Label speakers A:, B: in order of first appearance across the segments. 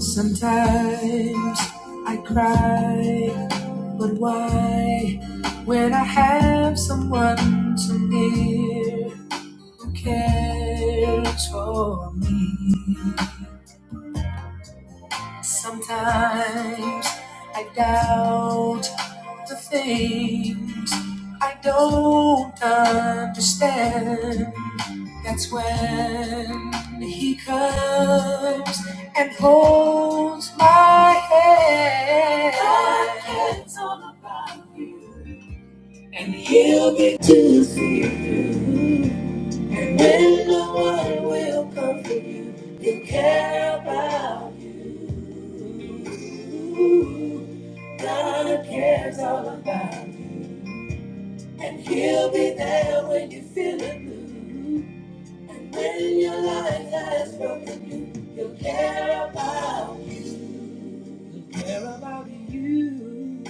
A: Sometimes I cry, but why? When I have someone to near who cares for me. Sometimes I doubt the things I don't understand. That's when he comes and holds my hand. God cares all about you. And he'll be to see you. And when no one will comfort you, he'll care about you. God cares all about. And he'll be there when you feel it blue. When your life has broken you, he'll care about, he'll care about you.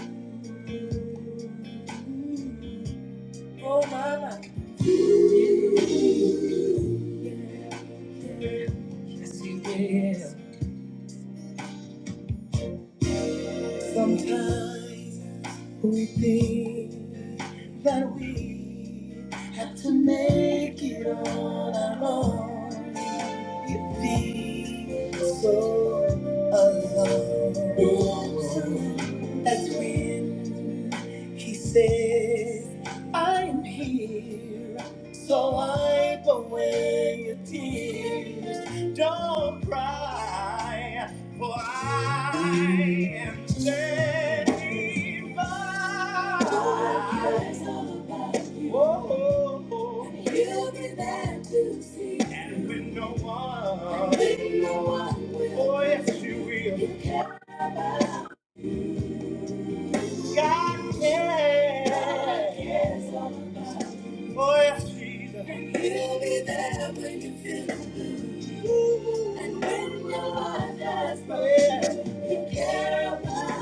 A: Oh, mama. Yeah, yeah, yeah. Yes, he will. Sometimes we think that we have to make it on our own. You feel so alone. That's when he says, I'm here. So wipe away your tears. Don't cry. For I am sanctified. Oh, oh, oh. You'll be there to see. And when no one, when no one will. Oh, yes, you will. You care about me. God cares. God cares all about you. Oh, yes, Jesus. And you'll be there when you feel the blue. And when your heart has broken, yeah. you care about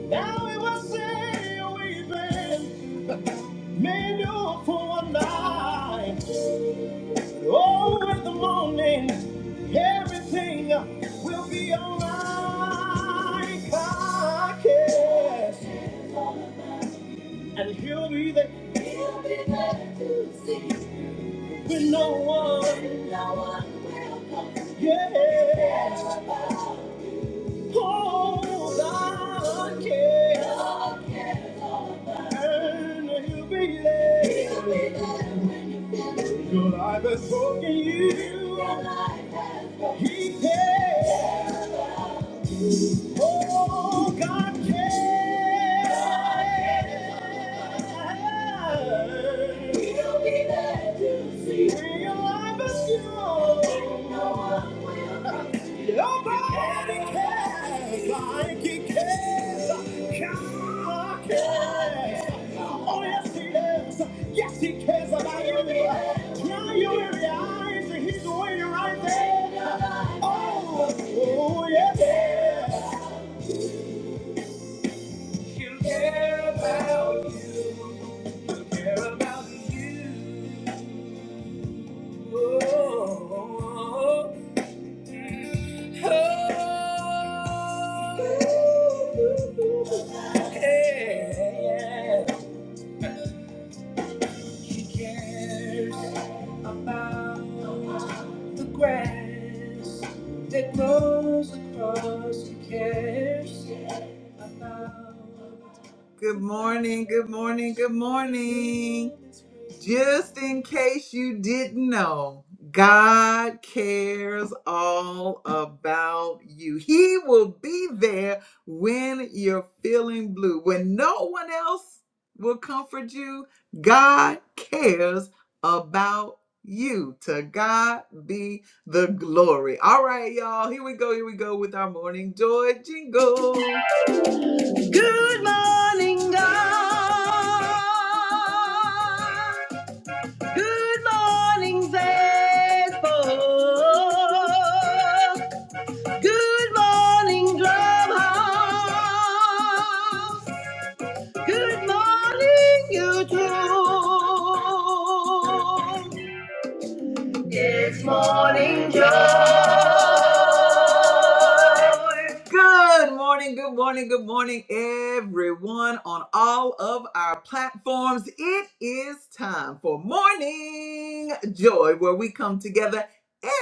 A: Now we will say we've been made up for a night. Oh, in the morning, everything will be alright. I care. And he'll be there. He'll be there to see. When no one. When no one will come. Yeah. Oh, I care. he'll be there. Your life has broken you. He cares. Oh, God cares. He'll be there to see. When your life is yours. Nobody cares like he cares. God cares. Oh, yes, he does. Yes, he does. Oh, yeah, yeah. She'll about you. She'll about you. Oh, oh, oh. yeah. She cares about the grass that grows across. She cares about Good morning, good morning, good morning. Just in case you didn't know, God cares all about you. He will be there when you're feeling blue. When no one else will comfort you, God cares about you. To God be the glory. All right, y'all, here we go, here we go with our morning joy jingle. Good morning, good morning, good morning, everyone on all of our platforms. It is time for Morning Joy, where we come together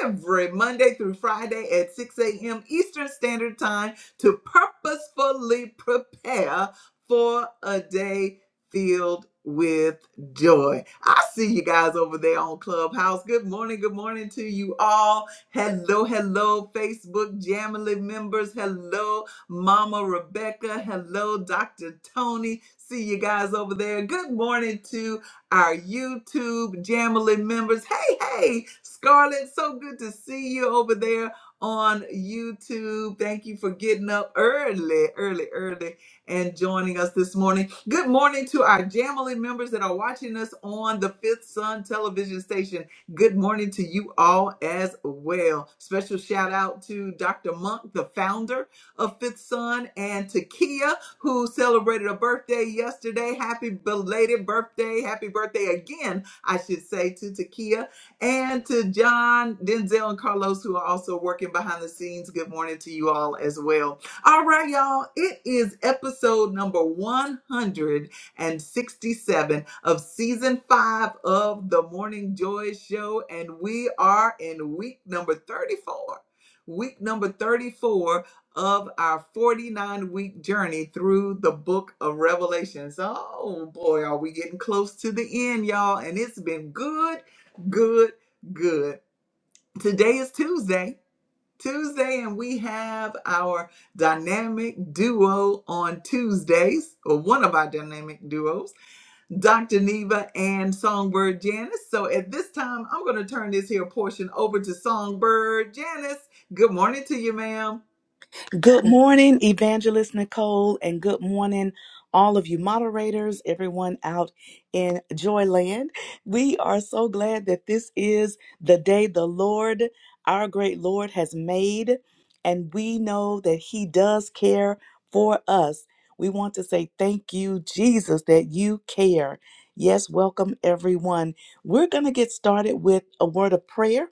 A: every Monday through Friday at 6 a.m. Eastern Standard Time to purposefully prepare for a day filled with joy. I see you guys over there on Clubhouse. Good morning, good morning to you all. Hello, hello, Facebook Jamily members. Hello, Mama Rebecca. Hello, Dr. Tony. See you guys over there. Good morning to our YouTube Jamily members. Hey, hey, Scarlett, so good to see you over there on YouTube. Thank you for getting up early, early, early and joining us this morning. Good morning to our Jamily members that are watching us on the Fifth Sun television station. Good morning to you all as well. Special shout out to Dr. Monk, the founder of Fifth Son, and to Kia, who celebrated a birthday yesterday. Happy belated birthday. Happy birthday again, I should say, to to Kia and to John, Denzel, and Carlos, who are also working behind the scenes. Good morning to you all as well. All right, y'all. It is episode number 100 and 67 of season five of the Morning Joy Show. And we are in week number 34, week number 34 of our 49 week journey through the book of Revelations. Oh boy, are we getting close to the end, y'all? And it's been good, good, good. Today is Tuesday. Tuesday, and we have our dynamic duo on Tuesdays, or one of our dynamic duos. Dr. Neva and Songbird Janice. So at this time, I'm going to turn this here portion over to Songbird Janice. Good morning to you, ma'am.
B: Good morning, Evangelist Nicole, and good morning, all of you moderators, everyone out in Joyland. We are so glad that this is the day the Lord, our great Lord, has made, and we know that He does care for us. We want to say thank you, Jesus, that you care. Yes, welcome everyone. We're going to get started with a word of prayer.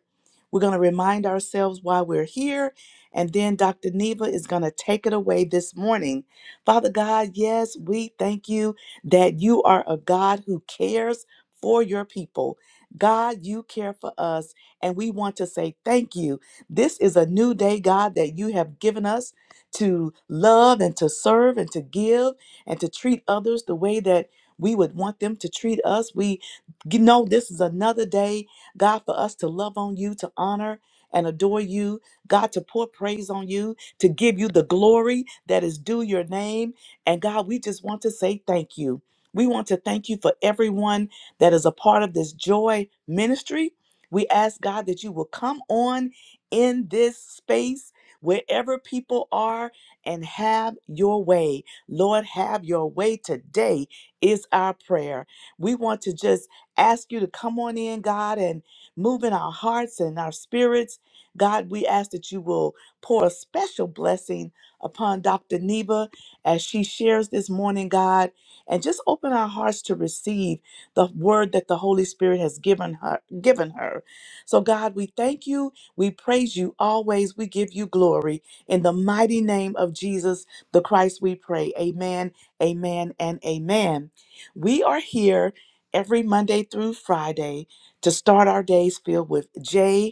B: We're going to remind ourselves why we're here and then Dr. Neva is going to take it away this morning. Father God, yes, we thank you that you are a God who cares for your people. God, you care for us, and we want to say thank you. This is a new day, God, that you have given us to love and to serve and to give and to treat others the way that we would want them to treat us. We g- know this is another day, God, for us to love on you, to honor and adore you God, to pour praise on you, to give you the glory that is due your name. And God, we just want to say thank you. We want to thank you for everyone that is a part of this joy ministry. We ask God that you will come on in this space wherever people are and have your way. Lord, have your way today is our prayer. We want to just ask you to come on in, God, and move in our hearts and our spirits God, we ask that you will pour a special blessing upon Dr. Neva as she shares this morning, God, and just open our hearts to receive the word that the Holy Spirit has given her given her. So God, we thank you, we praise you always, we give you glory in the mighty name of Jesus the Christ we pray. Amen. Amen and amen. We are here every Monday through Friday to start our days filled with J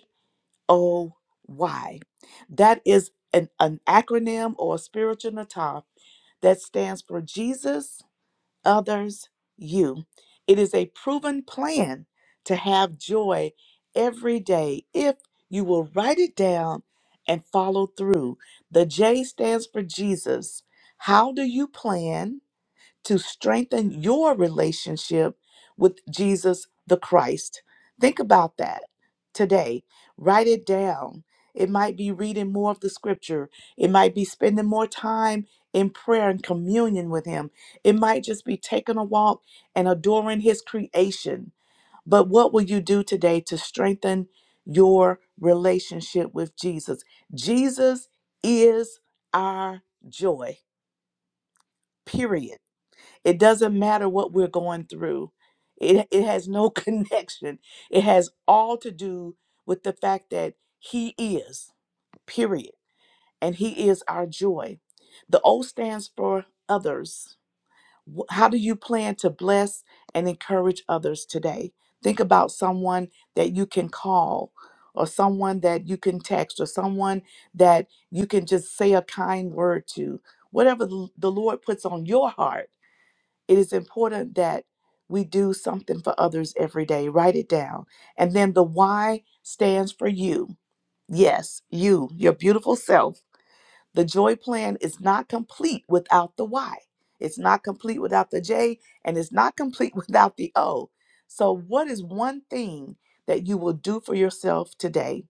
B: O Y. That is an, an acronym or a spiritual natar that stands for Jesus, others, you. It is a proven plan to have joy every day if you will write it down and follow through. The J stands for Jesus. How do you plan? to strengthen your relationship with Jesus the Christ. Think about that today. Write it down. It might be reading more of the scripture, it might be spending more time in prayer and communion with Him, it might just be taking a walk and adoring His creation. But what will you do today to strengthen your relationship with Jesus? Jesus is our joy, period. It doesn't matter what we're going through. It, it has no connection. It has all to do with the fact that He is, period. And He is our joy. The O stands for others. Wh- How do you plan to bless and encourage others today? Think about someone that you can call, or someone that you can text, or someone that you can just say a kind word to, whatever the the Lord puts on your heart it is important that we do something for others every day. Write it down. And then the why stands for you. Yes, you, your beautiful self. The joy plan is not complete without the why. It's not complete without the J, and it's not complete without the O. So, what is one thing that you will do for yourself today?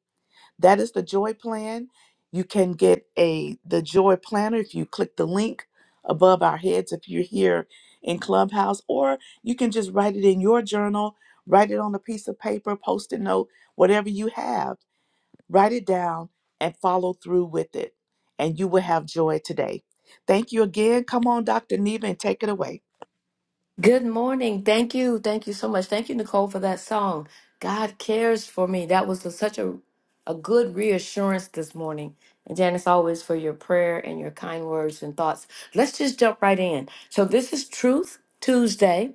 B: That is the joy plan. You can get a the joy planner if you click the link above our heads if you're here in Clubhouse, or you can just write it in your journal, write it on a piece of paper, post-it note, whatever you have, write it down and follow through with it. And you will have joy today. Thank you again. Come on, Dr. Neva, and take it away.
C: Good morning. Thank you. Thank you so much. Thank you, Nicole, for that song. God cares for me. That was a- such a, a good reassurance this morning. And Janice, always for your prayer and your kind words and thoughts. Let's just jump right in. So, this is Truth Tuesday.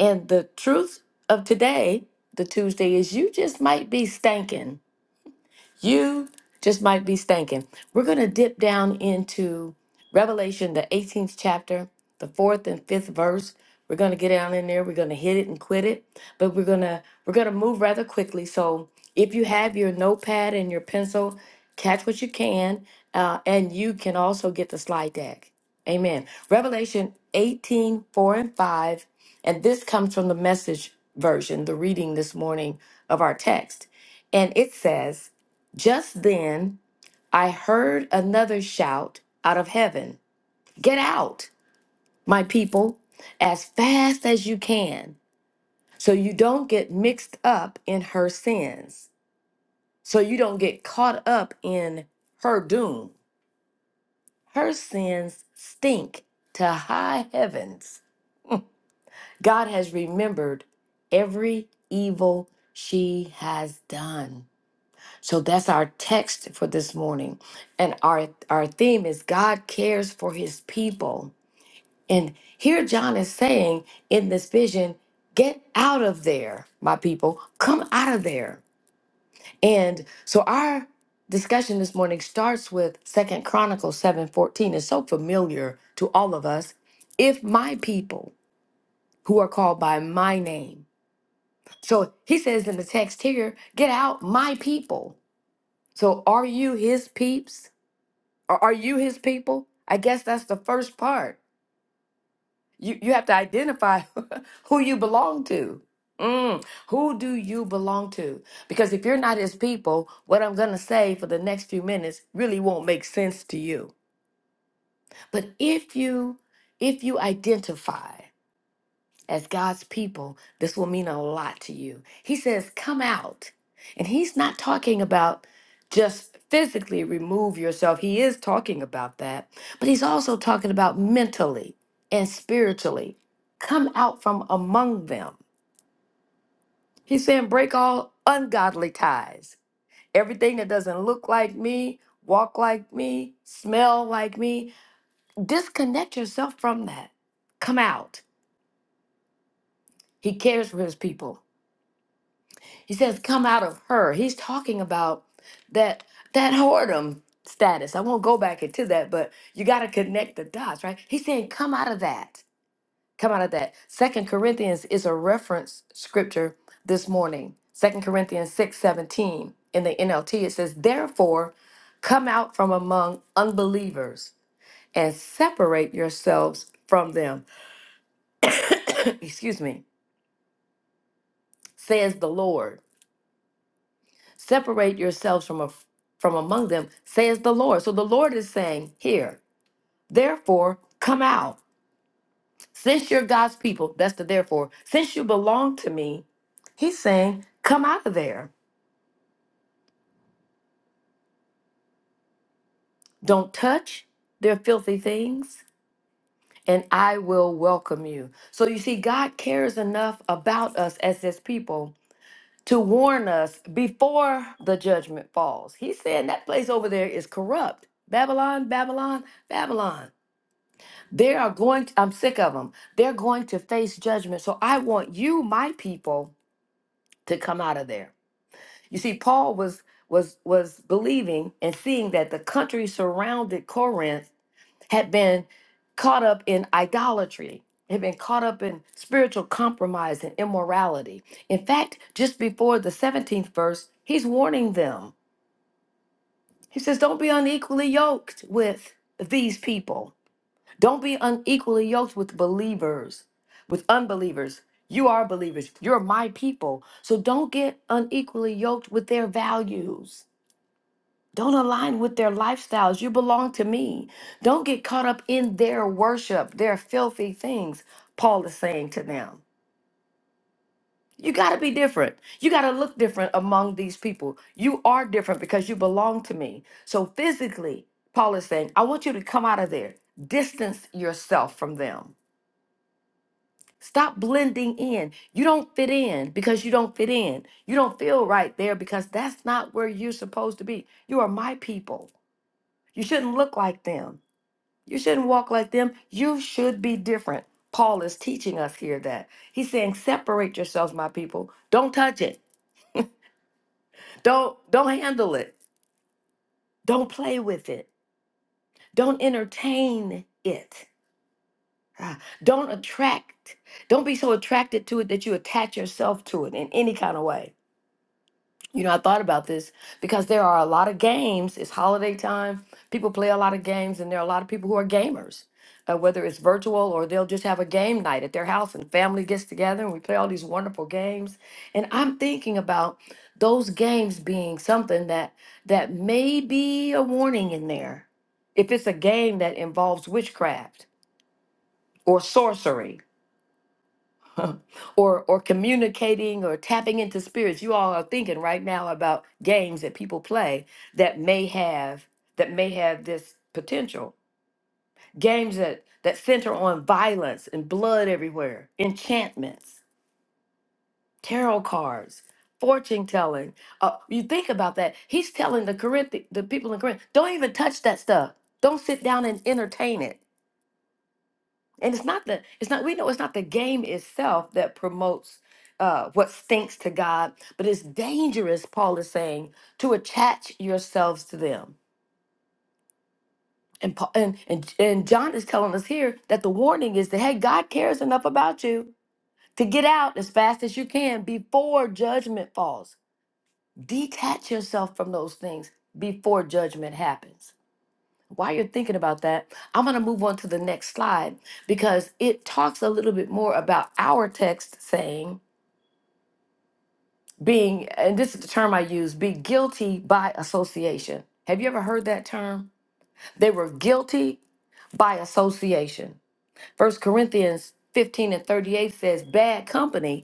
C: And the truth of today, the Tuesday, is you just might be stinking. You just might be stinking. We're going to dip down into Revelation, the 18th chapter, the fourth and fifth verse. We're going to get down in there. We're going to hit it and quit it, but we're going to we're going to move rather quickly. So if you have your notepad and your pencil, catch what you can, uh, and you can also get the slide deck. Amen. Revelation 18:4 and 5. And this comes from the message version, the reading this morning of our text. And it says, just then, I heard another shout out of heaven Get out, my people, as fast as you can, so you don't get mixed up in her sins, so you don't get caught up in her doom. Her sins stink to high heavens. God has remembered every evil she has done. So that's our text for this morning. And our our theme is God cares for his people. And here John is saying in this vision, get out of there, my people. Come out of there. And so our discussion this morning starts with Second Chronicles 7:14. It's so familiar to all of us. If my people who are called by my name. So he says in the text here, get out my people. So are you his peeps? Are, are you his people? I guess that's the first part. You you have to identify who you belong to. Mm, who do you belong to? Because if you're not his people, what I'm going to say for the next few minutes really won't make sense to you. But if you if you identify as God's people, this will mean a lot to you. He says, Come out. And he's not talking about just physically remove yourself. He is talking about that, but he's also talking about mentally and spiritually. Come out from among them. He's saying, Break all ungodly ties. Everything that doesn't look like me, walk like me, smell like me, disconnect yourself from that. Come out. He cares for his people. He says, "Come out of her." He's talking about that that whoredom status. I won't go back into that, but you got to connect the dots, right? He's saying, "Come out of that. Come out of that." Second Corinthians is a reference scripture this morning. Second Corinthians six seventeen in the NLT it says, "Therefore, come out from among unbelievers and separate yourselves from them." Excuse me, says the Lord. separate yourselves from a, from among them says the lord so the lord is saying here therefore come out since you're god's people that's the therefore since you belong to me he's saying come out of there don't touch their filthy things and i will welcome you so you see god cares enough about us as his people to warn us before the judgment falls he's saying that place over there is corrupt babylon babylon babylon They are going, I'm sick of them. They're going to face judgment. So I want you, my people, to come out of there. You see, Paul was was was believing and seeing that the country surrounded Corinth had been caught up in idolatry, had been caught up in spiritual compromise and immorality. In fact, just before the 17th verse, he's warning them. He says, Don't be unequally yoked with these people Don't be unequally yoked with believers, with unbelievers. You are believers. You're my people. So don't get unequally yoked with their values. Don't align with their lifestyles. You belong to me. Don't get caught up in their worship, their filthy things, Paul is saying to them. You got to be different. You got to look different among these people. You are different because you belong to me. So physically, Paul is saying, I want you to come out of there, distance yourself from them. Stop blending in. You don't fit in because you don't fit in. You don't feel right there because that's not where you're supposed to be. You are my people. You shouldn't look like them. You shouldn't walk like them. You should be different. Paul is teaching us here that. He's saying separate yourselves my people. Don't touch it. Don't don't handle it. Don't play with it. Don't entertain it. Ah, Don't attract. Don't be so attracted to it that you attach yourself to it in any kind of way You know, I thought about this because there are a lot of games. It's holiday time. People play a lot of games, and there are a lot of people who are gamers, uh, whether it's virtual or they'll just have a game night at their house and family gets together and we play all these wonderful games. And I'm thinking about those games being something that that may be a warning in there. If it's a game that involves witchcraft or sorcery or or communicating or tapping into spirits you all are thinking right now about games that people play that may have that may have this potential games that that center on violence and blood everywhere enchantments tarot cards fortune telling uh, you think about that he's telling the corinth the people in corinth don't even touch that stuff don't sit down and entertain it and it's not the it's not we know it's not the game itself that promotes uh, what stinks to God, but it's dangerous. Paul is saying to attach yourselves to them, and Paul, and, and and John is telling us here that the warning is that hey, God cares enough about you to get out as fast as you can before judgment falls. Detach yourself from those things before judgment happens. While you're thinking about that, I'm going to move on to the next slide because it talks a little bit more about our text saying being, and this is the term I use, be guilty by association. Have you ever heard that term? They were guilty by association. First Corinthians 15 and 38 says, bad company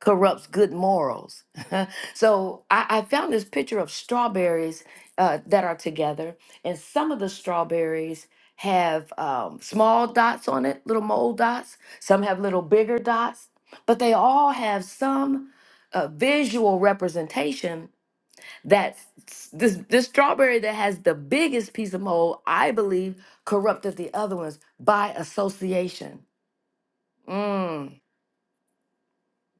C: corrupts good morals. so I, I found this picture of strawberries uh, that are together, and some of the strawberries have um, small dots on it, little mole dots. Some have little bigger dots, but they all have some uh, visual representation that s- this, this strawberry that has the biggest piece of mold, I believe, corrupted the other ones by association. Mm.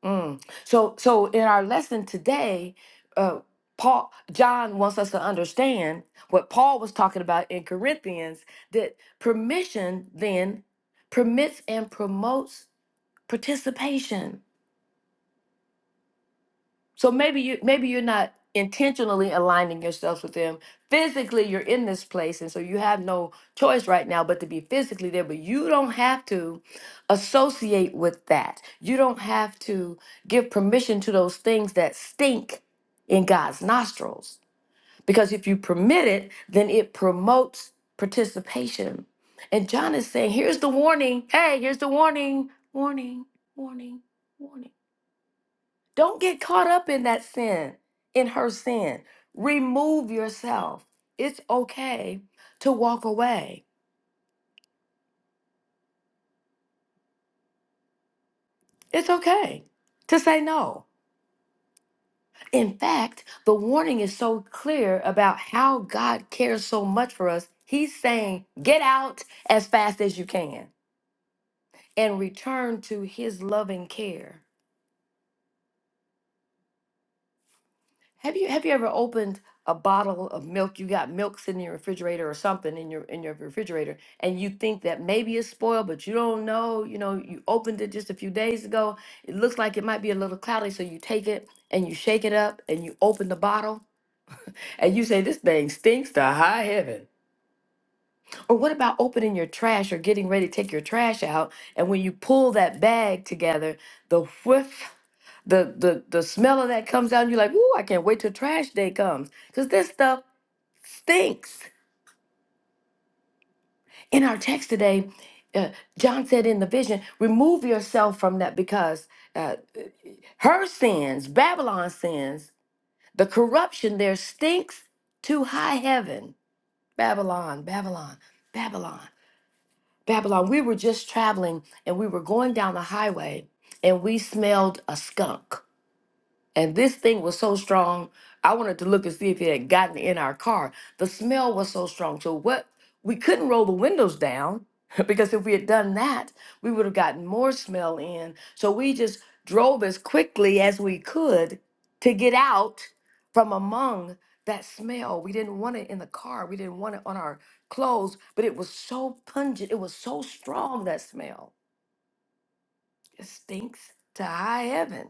C: Mm. So, so in our lesson today, uh, Paul John wants us to understand what Paul was talking about in Corinthians that permission then permits and promotes participation. So maybe you maybe you're not intentionally aligning yourselves with them. Physically, you're in this place, and so you have no choice right now but to be physically there. But you don't have to associate with that. You don't have to give permission to those things that stink in God's nostrils. Because if you permit it, then it promotes participation. And John is saying, here's the warning. Hey, here's the warning. Warning, warning, warning don't get caught up in that sin, in her sin. Remove yourself. It's okay to walk away. It's okay to say no. In fact, the warning is so clear about how God cares so much for us. He's saying, get out as fast as you can and return to his loving care. Have you have you ever opened a bottle of milk? You got milk sitting in your refrigerator or something in your in your refrigerator, and you think that maybe it's spoiled, but you don't know. You know, you opened it just a few days ago. It looks like it might be a little cloudy, so you take it and you shake it up and you open the bottle and you say, This thing stinks to high heaven. Or what about opening your trash or getting ready to take your trash out? And when you pull that bag together, the whiff the the the smell of that comes out, and you're like, "Ooh, I can't wait till trash day comes," because this stuff stinks. In our text today, uh, John said in the vision, "Remove yourself from that because uh, her sins, Babylon's sins, the corruption there stinks to high heaven. Babylon, Babylon, Babylon, Babylon. We were just traveling, and we were going down the highway, and we smelled a skunk." And this thing was so strong, I wanted to look and see if it had gotten in our car. The smell was so strong. So what we couldn't roll the windows down because if we had done that, we would have gotten more smell in. So we just drove as quickly as we could to get out from among that smell. We didn't want it in the car. We didn't want it on our clothes, but it was so pungent. It was so strong that smell. It stinks to high heaven.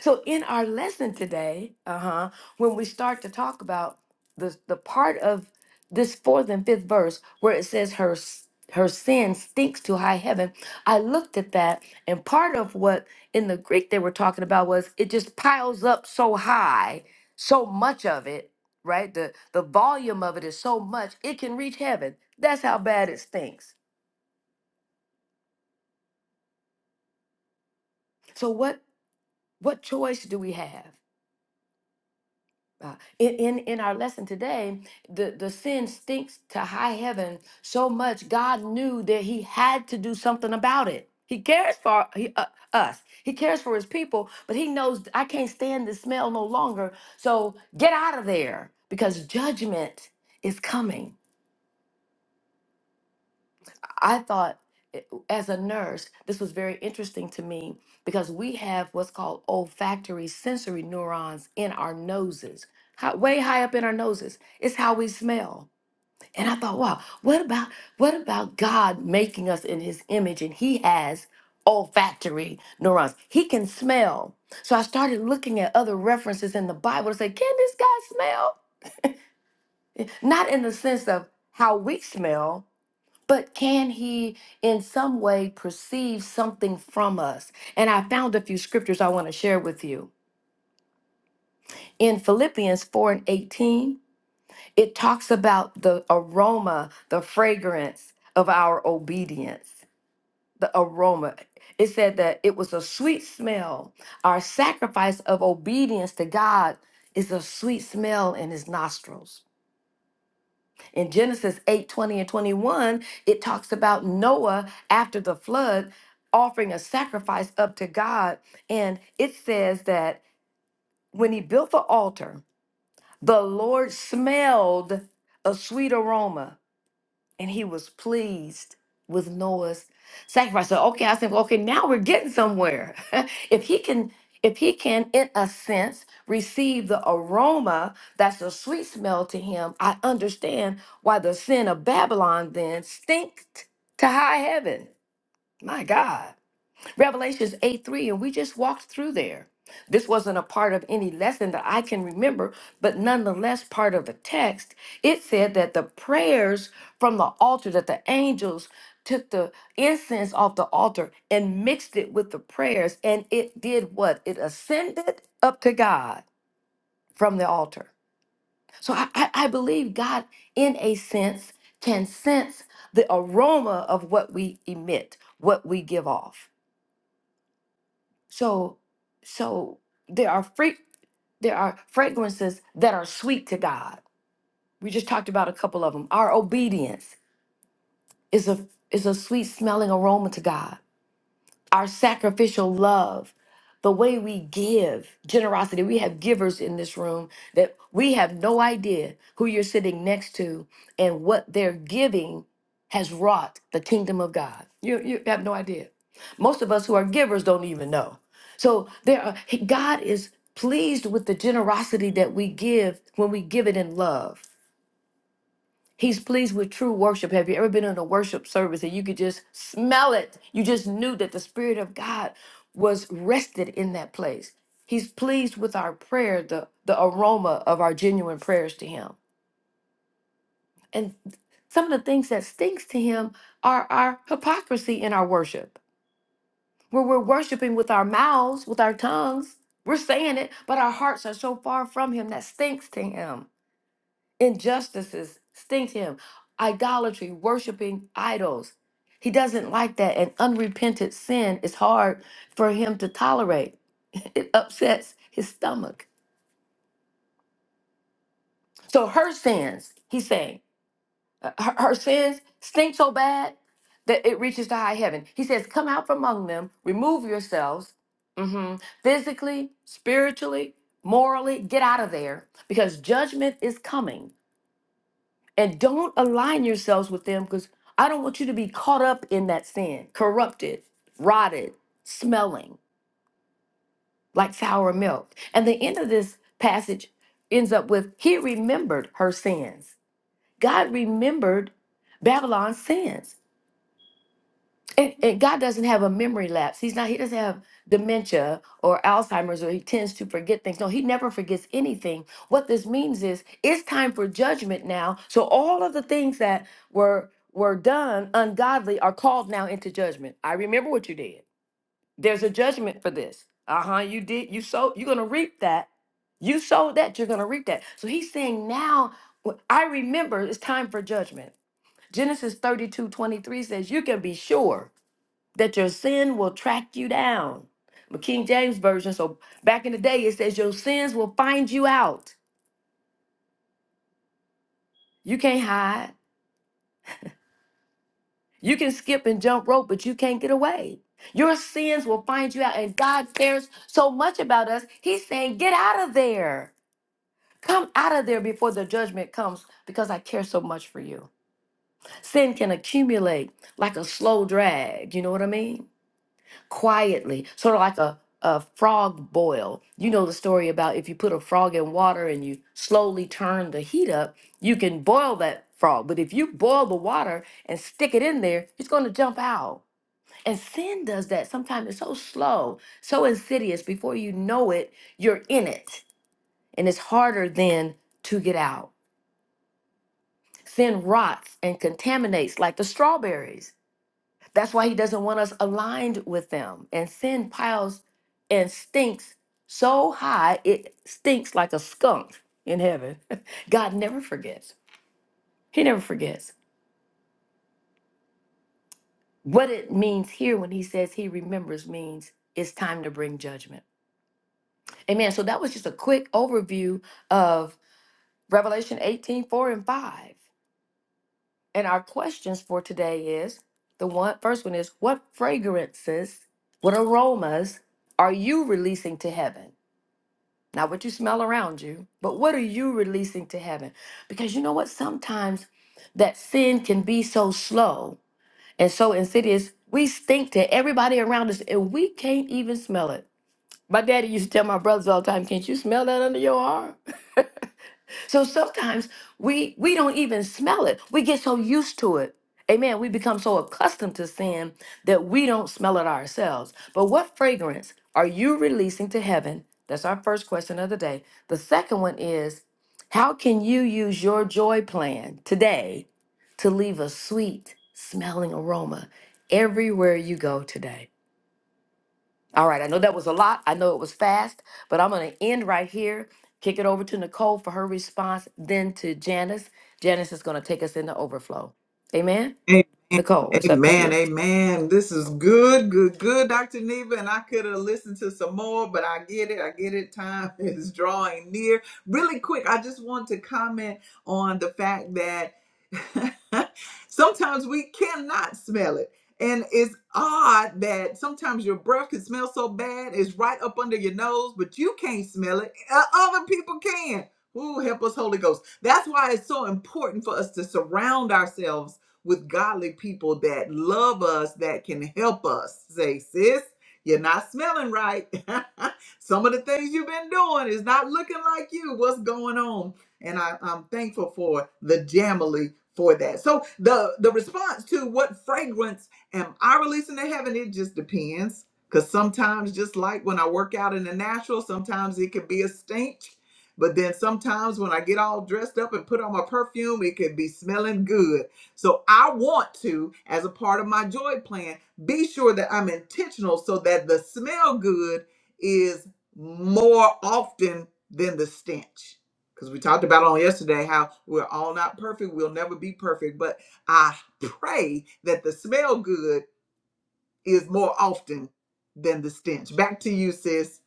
C: So in our lesson today, uh-huh, when we start to talk about the the part of this fourth and fifth verse where it says her s- her sin stinks to high heaven, I looked at that and part of what in the Greek they were talking about was it just piles up so high, so much of it, right? The the volume of it is so much it can reach heaven. That's how bad it stinks. So what what choice do we have? Uh, in, in in our lesson today, the, the sin stinks to high heaven so much. God knew that He had to do something about it. He cares for he, uh, us. He cares for His people, but He knows I can't stand the smell no longer. So get out of there because judgment is coming. I thought, eh, as a nurse, this was very interesting to me because we have what's called olfactory sensory neurons in our noses, hi- way high up in our noses. It's how we smell. And I thought, wow, what about what about God making us in His image, and He has olfactory neurons. He can smell. So I started looking at other references in the Bible to say, can this guy smell? Eh, Not in the sense of how we smell, but can he in some way perceive something from us? And I found a few scriptures I want to share with you. In Philippians 4 and 18, it talks about the aroma, the fragrance of our obedience, the aroma. It said that it was a sweet smell. Our sacrifice of obedience to God is a sweet smell in his nostrils. In Genesis 8 20 and 21, it talks about Noah after the flood offering a sacrifice up to God. And it says that when he built the altar, the Lord smelled a sweet aroma and he was pleased with Noah's sacrifice. So okay, I said, well, okay, now we're getting somewhere. if he can, if he can, in a sense, receive the aroma that's a sweet smell to him, I understand why the sin of Babylon then stinked to high heaven. My God. Revelations 8 3, and we just walked through there. This wasn't a part of any lesson that I can remember, but nonetheless, part of the text. It said that the prayers from the altar, that the angels took the incense off the altar and mixed it with the prayers, and it did what? It ascended up to God from the altar. So I, I I believe God, in a sense, can sense the aroma of what we emit, what we give off. So, so there are fra- there are fragrances that are sweet to God. We just talked about a couple of them. Our obedience is a is a sweet smelling aroma to God our sacrificial love, the way we give, generosity. We have givers in this room that we have no idea who you're sitting next to and what their giving has wrought the kingdom of God. You, you have no idea. Most of us who are givers don't even know. So there are, God is pleased with the generosity that we give when we give it in love. He's pleased with true worship. Have you ever been in a worship service and you could just smell it? You just knew that the Spirit of God was rested in that place. He's pleased with our prayer, the, the aroma of our genuine prayers to Him. And some of the things that stinks to Him are our hypocrisy in our worship, where we're worshiping with our mouths, with our tongues. We're saying it, but our hearts are so far from Him that stinks to Him. Injustices stink him. Idolatry, worshiping idols. He doesn't like that. And unrepented sin is hard for him to tolerate. It upsets his stomach. So her sins, he's saying, uh, her, her sins stink so bad that it reaches to high heaven. He says, Come out from among them, remove yourselves mhm, physically, spiritually, morally, get out of there because judgment is coming. and don't align yourselves with them because I don't want you to be caught up in that sin, corrupted, rotted, smelling like sour milk. And the end of this passage ends up with He remembered her sins. God remembered Babylon's sins. And, and God doesn't have a memory lapse. He's not, he doesn't have dementia or Alzheimer's or he tends to forget things. No, he never forgets anything. What this means is it's time for judgment now. So all of the things that were were done ungodly are called now into judgment. I remember what you did. There's a judgment for this. Uh-huh. You did you sowed, you're gonna reap that. You sowed that, you're gonna reap that. So he's saying now I remember it's time for judgment. Genesis 32 23 says, you can be sure that your sin will track you down. The King James Version, so back in the day, it says your sins will find you out. You can't hide. You can skip and jump rope, but you can't get away. Your sins will find you out. And God cares so much about us. He's saying, get out of there. Come out of there before the judgment comes because I care so much for you. Sin can accumulate like a slow drag. You know what I mean? quietly, sort of like a, a frog boil. You know the story about if you put a frog in water and you slowly turn the heat up, you can boil that frog. But if you boil the water and stick it in there, it's going to jump out. And sin does that sometimes. It's so slow, so insidious. Before you know it, you're in it. And it's harder then to get out. Sin rots and contaminates like the strawberries that's why he doesn't want us aligned with them. And sin piles and stinks so high it stinks like a skunk in heaven. God never forgets. He never forgets. What it means here when he says he remembers means it's time to bring judgment. Amen. So that was just a quick overview of Revelation 18 4 and 5. And our questions for today is the one first one is what fragrances, what aromas are you releasing to heaven? not what you smell around you, but what are you releasing to heaven? Because you know what? Sometimes that sin can be so slow and so insidious. We stink to everybody around us and we can't even smell it. My daddy used to tell my brothers all the time, Can't you smell that under your arm? So sometimes we we don't even smell it. We get so used to it. Amen. We become so accustomed to sin that we don't smell it ourselves. But what fragrance are you releasing to heaven? That's our first question of the day. The second one is how can you use your joy plan today to leave a sweet smelling aroma everywhere you go today? All right, I know that was a lot. I know it was fast, but I'm going to end right here, kick it over to Nicole for her response, then to Janice. Janice is going to take us into overflow. Amen.
A: Amen.
C: Nicole, it's up to
A: Amen.
C: you.
A: Amen. This is good, good, good, Dr. Neva. And I could have listened to some more, but I get it. I get it. Time is drawing near. Really quick, I just want to comment on the fact that sometimes we cannot smell it. And it's odd that sometimes your breath can smell so bad, it's right up under your nose, but you can't smell it. Uh, Other people can. Ooh, help us, Holy Ghost. That's why it's so important for us to surround ourselves with godly people that love us, that can help us. Say, sis, you're not smelling right. Some of the things you've been doing is not looking like you. What's going on? And I, I'm thankful for the Jamily for that. So the the response to what fragrance am I releasing to heaven? It just depends. Because sometimes, just like when I work out in the natural, sometimes it could be a stink. But then sometimes when I get all dressed up and put on my perfume, it could be smelling good. So I want to, as a part of my joy plan, be sure that I'm intentional so that the smell good is more often than the stench. Because we talked about on yesterday how we're all not perfect, we'll never be perfect, but I pray that the smell good is more often than the stench. Back to you, sis.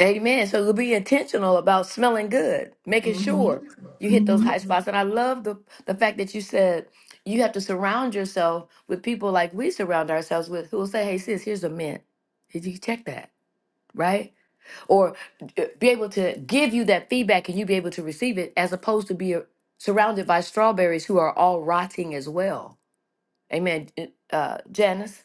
C: Amen. So be intentional about smelling good, making
A: hmm
C: sure you hit those
A: hmm
C: high spots. And I love the, the fact that you said you have to surround yourself with people like we surround ourselves with who will say, hey, sis, here's a mint. Did you check that? Right? or uh, be able to give you that feedback and you be able to receive it as opposed to be uh, surrounded by strawberries who are all rotting as well. Amen. Uh, uh, Janice?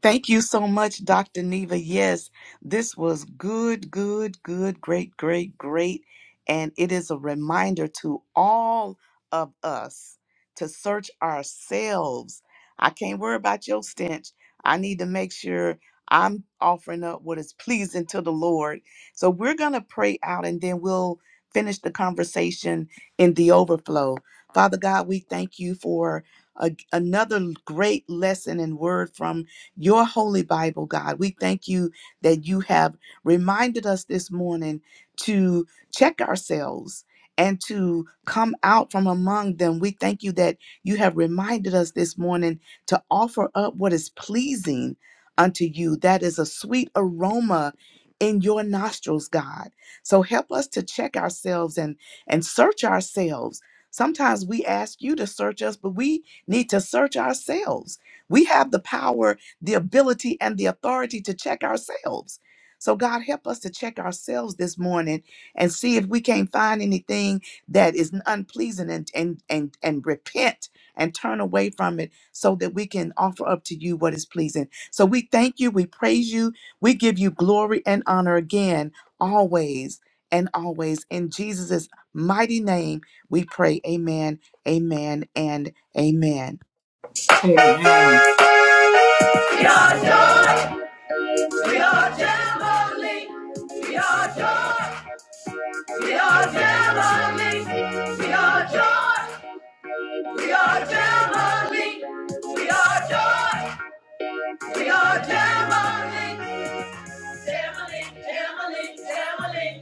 B: Thank you so much, Dr. Neva. Yes, this was good, good, good, great, great, great. And it is a reminder to all of us to search ourselves. I can't worry about your stench. I need to make sure I'm offering up what is pleasing to the Lord. So we're going to pray out and then we'll finish the conversation in the overflow. Father God, we thank you for a- another great lesson and word from your holy Bible, God. We thank you that you have reminded us this morning to check ourselves and to come out from among them. We thank you that you have reminded us this morning to offer up what is pleasing unto you. That is a sweet aroma in your nostrils, God. So help us to check ourselves and and search ourselves. Sometimes we ask you to search us, but we need to search ourselves. We have the power the ability and the authority to check ourselves. So, God, help us to check ourselves this morning and see if we can't find anything that is unpleasing and, and, and, and repent and turn away from it so that we can offer up to you what is pleasing. So, we thank you, we praise you, we give you glory and honor again, always and always. In Jesus' mighty name, we pray, Amen, Amen, and Amen.
A: Amen. We are, we are, we are Jamily, Jamily, Jamily,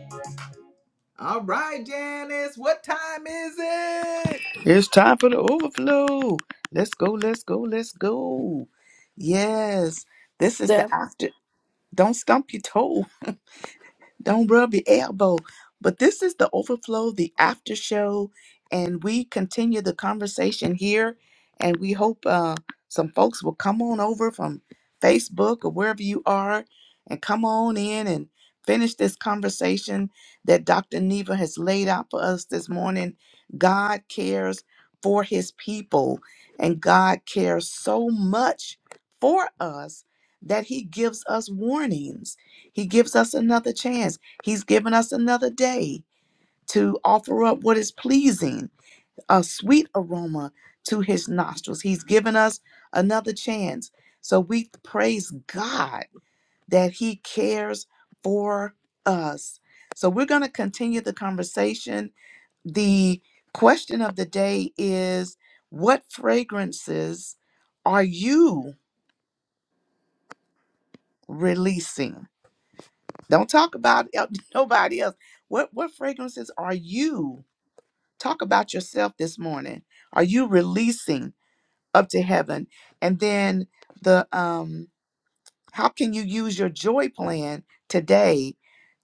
A: All right, Janice, what time is it?
B: It's time for the overflow. Let's go, let's go, let's go. Yes, this is the
C: Yeah.
B: after. Don't stump your toe. Don't rub your elbow. But this is the overflow, the after show, and we continue the conversation here. And we hope uh, some folks will come on over from Facebook or wherever you are and come on in and finish this conversation that Dr. Neva has laid out for us this morning. God cares for his people, and God cares so much for us that he gives us warnings he gives us another chance. He's given us another day to offer up what is pleasing, a sweet aroma to his nostrils. He's given us another chance. So we praise God that he cares for us. So we're going to continue the conversation. The question of the day is what fragrances are you releasing? Don't talk about el- nobody else. What what fragrances are you? Talk about yourself this morning. Are you releasing up to heaven? And then the um how can you use your joy plan today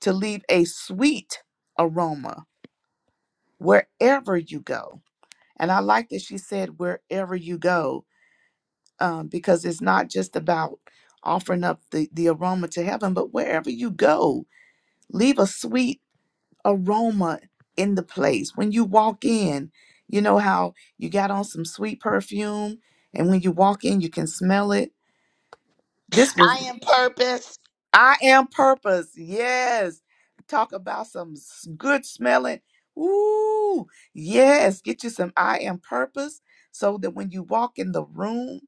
B: to leave a sweet aroma wherever you go? And I like that she said wherever you go um, because it's not just about offering up the, the aroma to heaven, but wherever you go, leave a sweet aroma in the place. When you walk in, you know how you got on some sweet perfume, and when you walk in, you can smell it. This was
D: I am purpose.
B: I am purpose. Yes. Talk about some s- good smelling. Ooh, yes. Get you some I am purpose so that when you walk in the room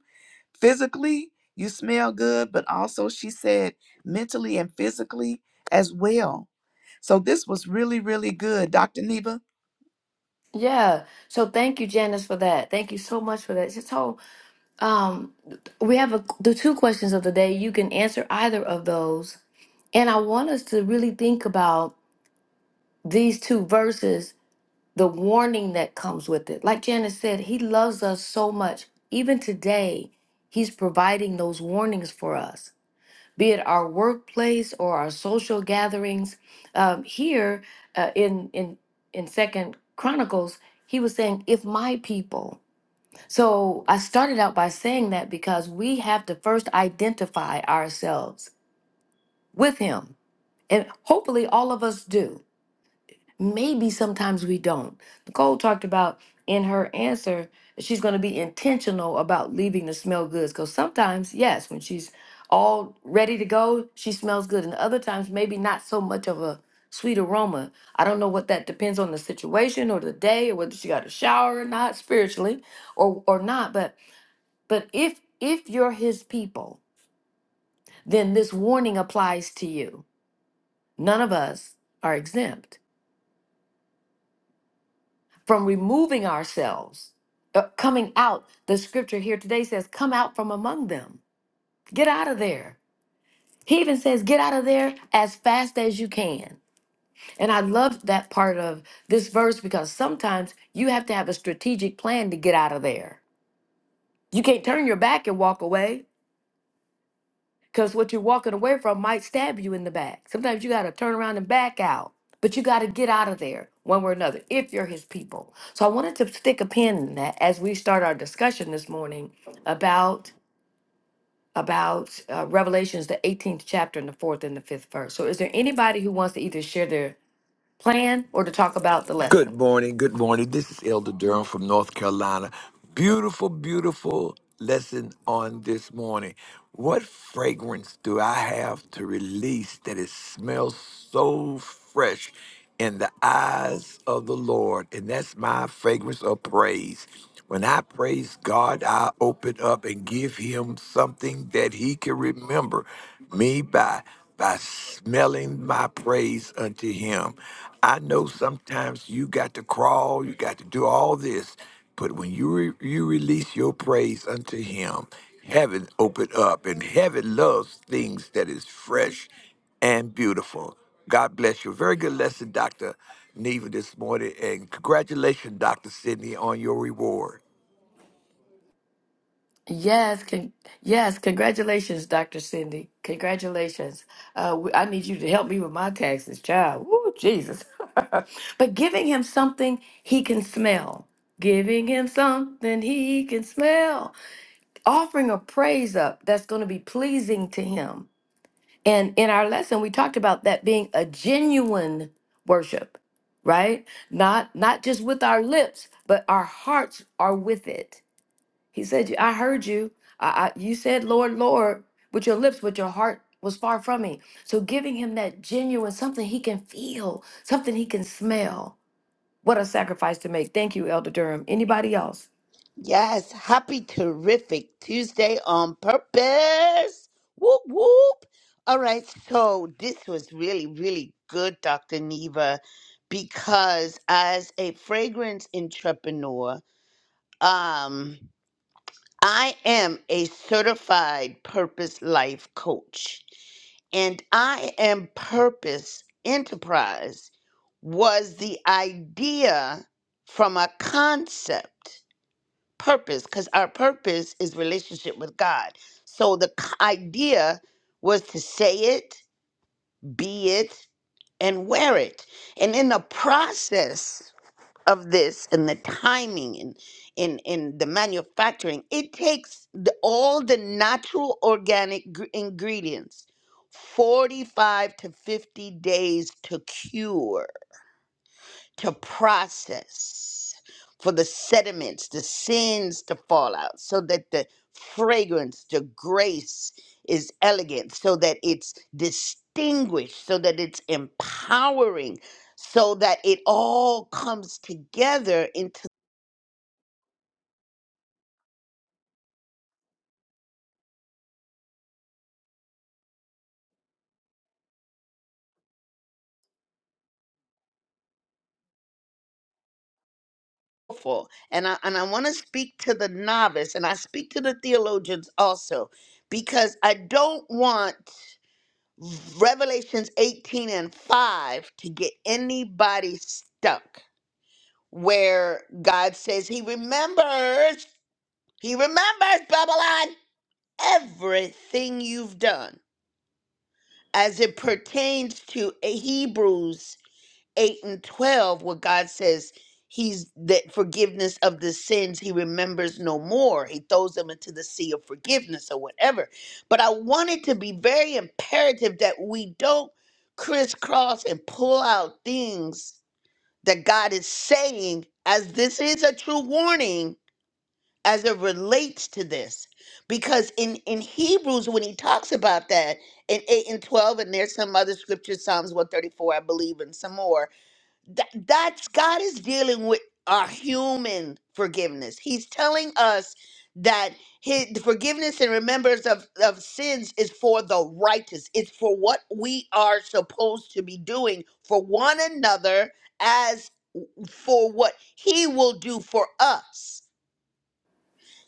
B: physically, you smell good, but also she said mentally and physically as well. So this was really, really good, Dr. Neva.
C: Yeah. So thank you, Janice, for that. Thank you so much for that. So um, we have a, the two questions of the day. You can answer either of those. And I want us to really think about these two verses the warning that comes with it. Like Janice said, he loves us so much. Even today, he's providing those warnings for us, be it our workplace or our social gatherings. Um, here uh, in in in Second Chronicles, he was saying, "If my people." So I started out by saying that because we have to first identify ourselves with him, and hopefully all of us do. Maybe sometimes we don't. Nicole talked about in her answer, she's going to be intentional about leaving the smell goods because sometimes, yes, when she's all ready to go, she smells good. And other times, maybe not so much of a sweet aroma. I don't know what that depends on the situation or the day or whether she got a shower or not spiritually or or not. But but if if you're his people, then this warning applies to you. None of us are exempt. from removing ourselves, uh, coming out. The scripture here today says, Come out from among them, get out of there. He even says, Get out of there as fast as you can. And I love that part of this verse because sometimes you have to have a strategic plan to get out of there. You can't turn your back and walk away. Because what you're walking away from might stab you in the back. Sometimes you got to turn around and back out, but you got to get out of there one way or another if you're his people. So I wanted to stick a pin in that as we start our discussion this morning about about uh, Revelations the 18th chapter and the fourth and the fifth verse. So is there anybody who wants to either share their plan or to talk about the
E: Good
C: lesson?
E: morning. Good morning. This is Elder Durham from North Carolina. Beautiful, beautiful lesson on this morning. What fragrance do I have to release that it smells so fresh in the eyes of the Lord? And that's my fragrance of praise. When I praise God, I open up and give him something that he can remember me by by smelling my praise unto him. I know sometimes you got to crawl, you got to do all this, but when you re- you release your praise unto him, heaven opened up and heaven loves things that is fresh and beautiful. God bless you. Very good lesson, Dr. Neva, this morning, and congratulations, Dr. Sidney, on your reward.
C: Yes, con- yes, congratulations, Dr. Cindy. Congratulations. Uh, we, I need you to help me with my taxes, child. Woo, Jesus. but giving him something he can smell, giving him something he can smell, offering a praise up that's going to be pleasing to him. And in our lesson, we talked about that being a genuine worship, right? Not not just with our lips, but our hearts are with it he said, I heard you. I, I, you said, Lord, Lord, with your lips, but your heart was far from me. So giving him that genuine something he can feel, something he can smell. What a sacrifice to make. Thank you, Elder Durham. Anybody else?
D: Yes. Happy terrific Tuesday on purpose. Whoop whoop. All right. So this was really, really good, Dr. Neva, because as a fragrance entrepreneur, um, I am a certified purpose life coach. And I am purpose enterprise was the idea from a concept purpose because our purpose is relationship with God. So the c- idea was to say it, be it, and wear it. And in the process of this and the timing and in in the manufacturing, it takes the, all the natural organic gr- ingredients 45 to 50 days to cure to process for the sediments, the sins to fall out, so that the fragrance, the grace is elegant, so that it's distinguished, so that it's empowering, so that it all comes together into the full. And I and I want to speak to the novice and I speak to the theologians also because I don't want Revelations 18 and 5 to get anybody stuck where God says He remembers, He remembers, Babylon, everything you've done as it pertains to eh, Hebrews 8 and 12, where God says He's that forgiveness of the sins He remembers no more. He throws them into the sea of forgiveness or whatever. But I want it to be very imperative that we don't crisscross and pull out things that God is saying, as this is a true warning as it relates to this because in in hebrews when he talks about that in 8 and 12 and there's some other scriptures psalms 134 i believe and some more that, that's god is dealing with our human forgiveness he's telling us that his the forgiveness and remembrance of, of sins is for the righteous it's for what we are supposed to be doing for one another as for what he will do for us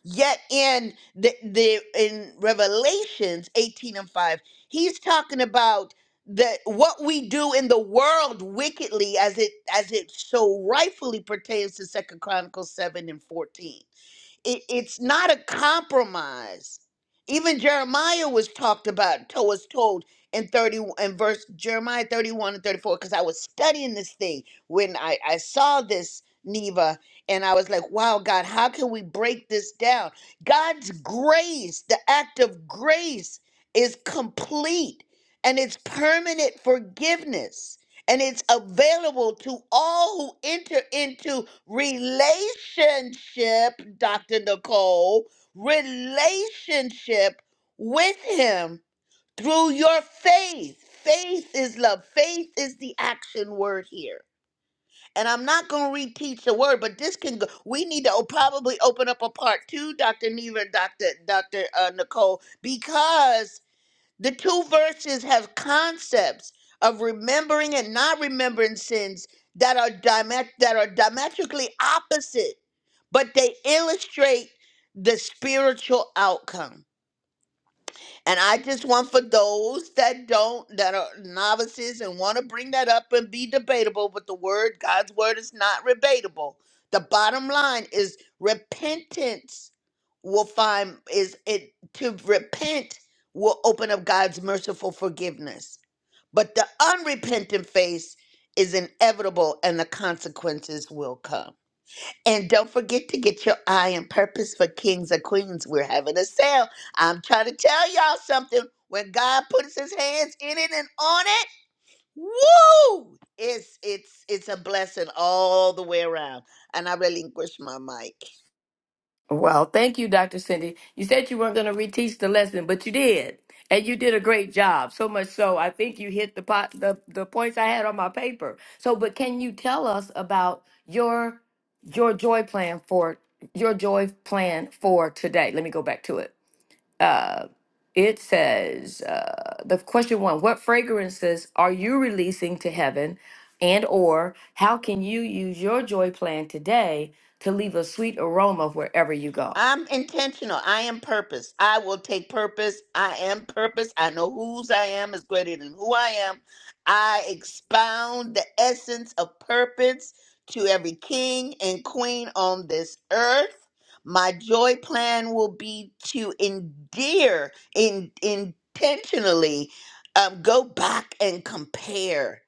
D: Yet in the, the in Revelations 18 and 5, he's talking about the what we do in the world wickedly as it as it so rightfully pertains to Second Chronicles 7 and 14. It, it's not a compromise. Even Jeremiah was talked about, to- was told in 30 in verse Jeremiah 31 and 34, because I was studying this thing when I, I saw this, Neva, and I was like, wow, God, how can we break this down? God's grace, the act of grace, is complete and it's permanent forgiveness and it's available to all who enter into relationship, Dr. Nicole, relationship with Him through your faith. Faith is love. Faith is the action word here. And I'm not going to reteach the word, but this can go. We need to o- probably open up a part two, Dr. Neva and Dr. Dr. Uh, Nicole, because the two verses have concepts of remembering and not remembering sins that are diamet- that are diametrically opposite, but they illustrate the spiritual outcome. And I just want for those that don't, that are novices and want to bring that up and be debatable, but the word, God's word is not debatable. The bottom line is repentance will find is it to repent will open up God's merciful forgiveness. But the unrepentant face is inevitable and the consequences will come. And don't forget to get your eye and purpose for kings or queens. We're having a sale. I'm trying to tell y'all something. When God puts his hands in it and on it, woo! It's it's it's a blessing all the way around. And I relinquish my mic.
C: Well, thank you, Dr. Cindy. You said you weren't going to reteach the lesson, but you did. And you did a great job. So much so, I think you hit the pot, the, the points I had on my paper. So, but can you tell us about your your joy plan for your joy plan for today? Let me go back to it uh, it says uh, the question one what fragrances are you releasing to heaven and or how can you use your joy plan today to leave a sweet aroma wherever you go
D: I'm intentional. I am purpose. I will take purpose. I am purpose. I know whose I am is greater than who I am. I expound the essence of purpose to every king and queen on this earth. My joy plan will be to endear, in, intentionally um, go back and compare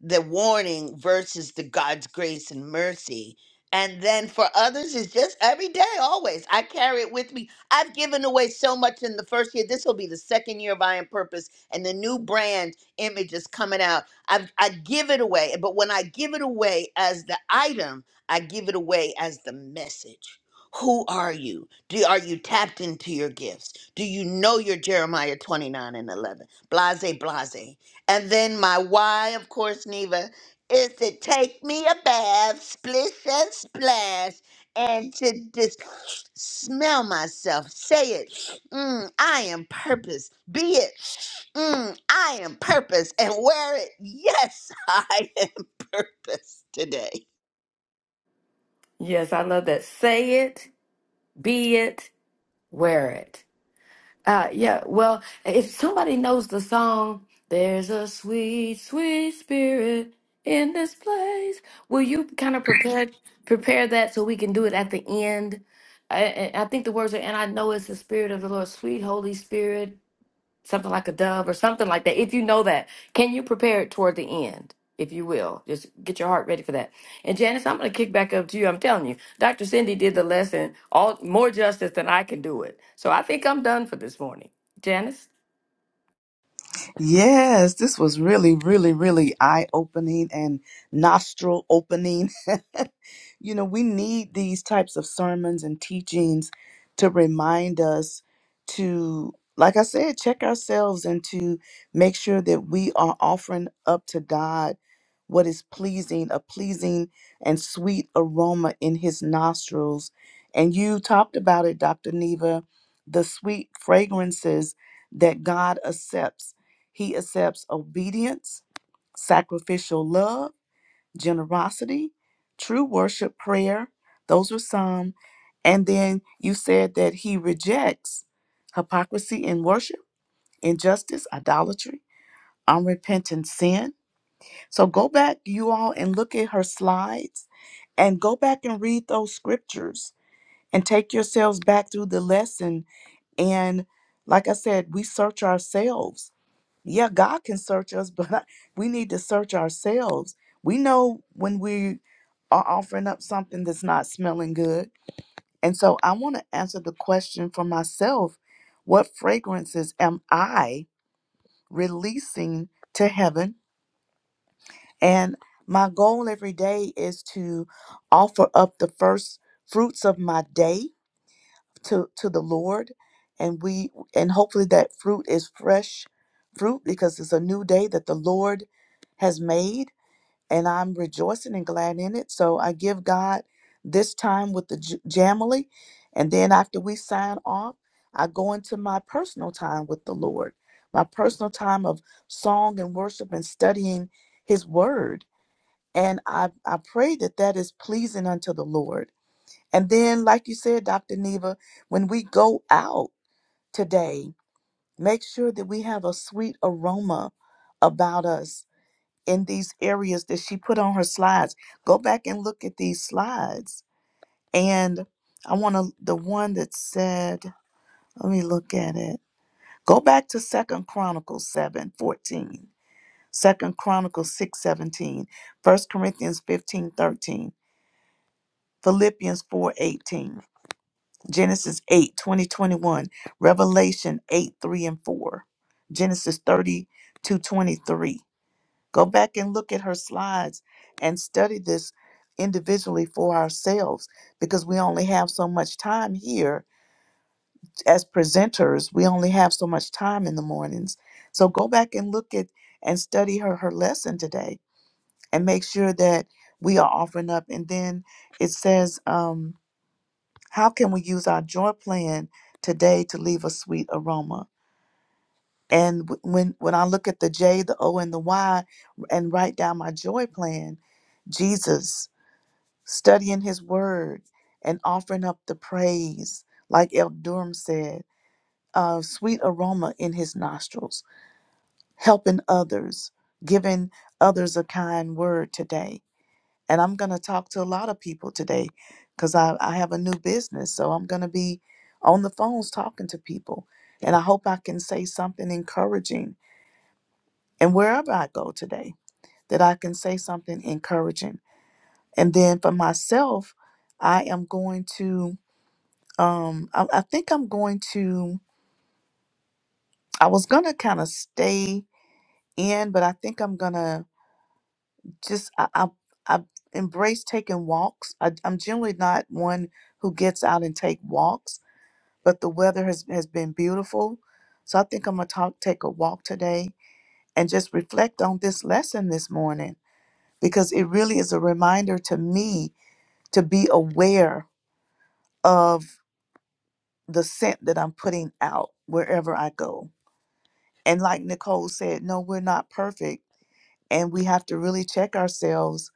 D: the warning versus the God's grace and mercy and then for others, it's just every day, always. I carry it with me. I've given away so much in the first year. This will be the second year of I Am Purpose, and the new brand image is coming out. I I give it away, but when I give it away as the item, I give it away as the message. Who are you? Do are you tapped into your gifts? Do you know your Jeremiah twenty nine and eleven? Blase, blase. And then my why, of course, Neva is to take me a bath, splish and splash, and to just smell myself. Say it. Mm, I am purpose. Be it. Mm, I am purpose. And wear it. Yes, I am purpose today.
C: yes i love that say it be it wear it Uh, yeah, well, if somebody knows the song, There's a Sweet, Sweet Spirit in this place, will you kind of prepare prepare that so we can do it at the end? I, I I think the words are, and I know it's the Spirit of the Lord, sweet Holy Spirit something like a dove or something like that. If you know that, can you prepare it toward the end? If you will, just get your heart ready for that. And Janice, I'm going to kick back up to you. I'm telling you, Dr. Cindy did the lesson all more justice than I can do it. So I think I'm done for this morning. Janice?
B: Yes, this was really, really, really eye opening and nostril opening. you know, we need these types of sermons and teachings to remind us to, like I said, check ourselves and to make sure that we are offering up to God what is pleasing, a pleasing and sweet aroma in his nostrils. And you talked about it, Dr. Neva, the sweet fragrances that God accepts he accepts obedience, sacrificial love, generosity, true worship, prayer. Those are some. And then you said that he rejects hypocrisy in worship, injustice, idolatry, unrepentant sin. So go back, you all, and look at her slides and go back and read those scriptures and take yourselves back through the lesson. And like I said, we search ourselves yeah, God can search us, but we need to search ourselves. We know when we are offering up something that's not smelling good. And so I want to answer the question for myself what fragrances am I releasing to heaven? And my goal every day is to offer up the first fruits of my day to to the Lord and we and hopefully that fruit is fresh fruit because it's a new day that the Lord has made and I'm rejoicing and glad in it. So I give God this time with the J- Jamily and then after we sign off, I go into my personal time with the Lord. My personal time of song and worship and studying his word. And I, I pray that that is pleasing unto the Lord and then, like you said, Dr. Neva, when we go out today, make sure that we have a sweet aroma about us in these areas that she put on her slides. Go back and look at these slides. And I want to, the one that said, let me look at it. Go back to Second Chronicles 7 14, Second Chronicles 6 17, First Corinthians 15 13, Philippians 4 18. Genesis 8 20 21, Revelation 8, 3 and 4, Genesis thirty two twenty three. Go back and look at her slides and study this individually for ourselves because we only have so much time here as presenters. We only have so much time in the mornings. So go back and look at and study her her lesson today and make sure that we are offering up. And then it says, um, how can we use our joint plan today to leave a sweet aroma? And wh- when when I look at the J, the O, and the Y, and write down my joy plan, Jesus studying His Word and offering up the praise, like El Durham said, uh, sweet aroma in His nostrils, helping others, giving others a kind word today And I'm going to talk to a lot of people today because I, I have a new business. So I'm going to be on the phones talking to people. And I hope I can say something encouraging. And wherever I go today, that I can say something encouraging. And then for myself, I am going to, um, I, I think I'm going to, I was going to kind of stay in, but I think I'm going to just, I, I, I embrace taking walks. I, I'm generally not one who gets out and take walks but the weather has, has been beautiful. So I think I'm going to talk, take a walk today and just reflect on this lesson this morning because it really is a reminder to me to be aware of the scent that I'm putting out wherever I go. And like Nicole said, no, we're not perfect. And we have to really check ourselves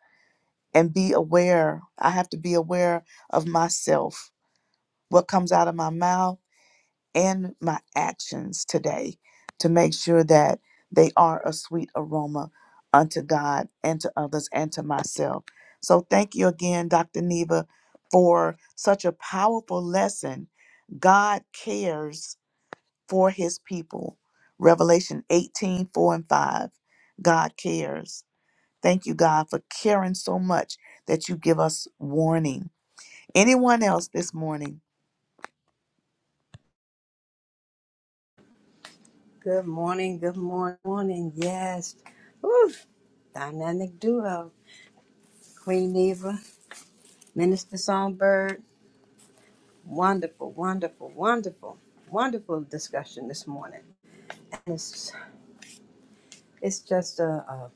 B: and be aware. I have to be aware of myself, what comes out of my mouth in my actions today to make sure that they are a sweet aroma unto God and to others and to myself. So thank you again, Dr. Neva, for such a powerful lesson. God cares for his people. Revelation 18 4 and 5. God cares. Thank you, God, for caring so much that you give us warning. Anyone else this morning?
F: Good morning, good morning, morning. Yes. Woo. Dynamic duo. Queen Neva, Minister Songbird. Wonderful, wonderful, wonderful, wonderful discussion this morning. And it's, it's just a, a,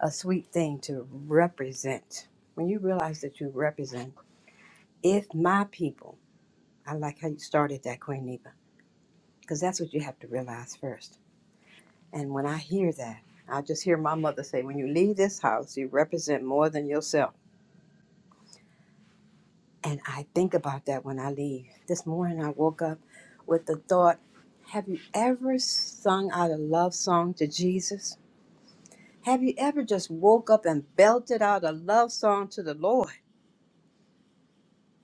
F: a sweet thing to represent. When you realize that you represent, if my people, I like how you started that, Queen Neva, because that's what you have to realize first. And when I hear that, I just hear my mother say, when you leave this house, you represent more than yourself. And I think about that when I leave. This morning I woke up with the thought Have you ever sung out a love song to Jesus? Have you ever just woke up and belted out a love song to the Lord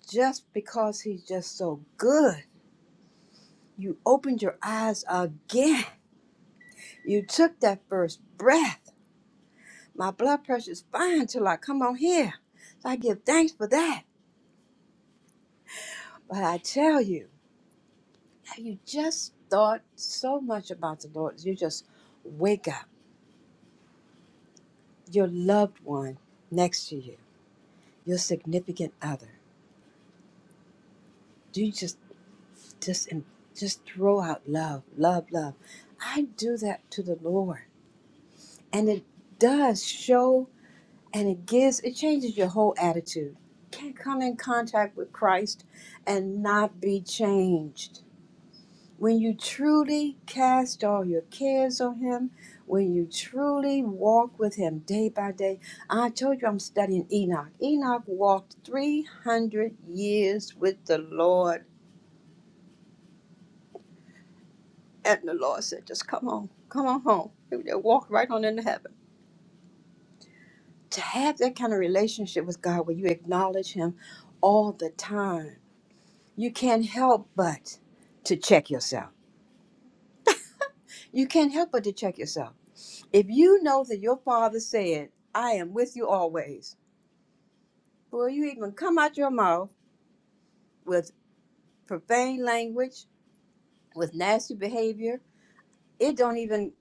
F: just because He's just so good? You opened your eyes again. You took that first breath. My blood pressure's fine till I come on here. So I give thanks for that. But I tell you, you just thought so much about the Lord. You just wake up your loved one next to you, your significant other. Do you just just and just throw out love, love, love? I do that to the Lord, and it does show, and it gives, it changes your whole attitude. Can't come in contact with Christ and not be changed When you truly cast all your cares on Him, when you truly walk with Him day by day, I told you I'm studying Enoch. Enoch walked 300 years with the Lord, and the Lord said, Just come on, come on home. He they walked right on into heaven. To have that kind of relationship with God where you acknowledge Him all the time, you can't help but to check yourself. You can't help but to check yourself If you know that your father said, I am with you always, will you even come out your mouth with profane language, with nasty behavior? It don't even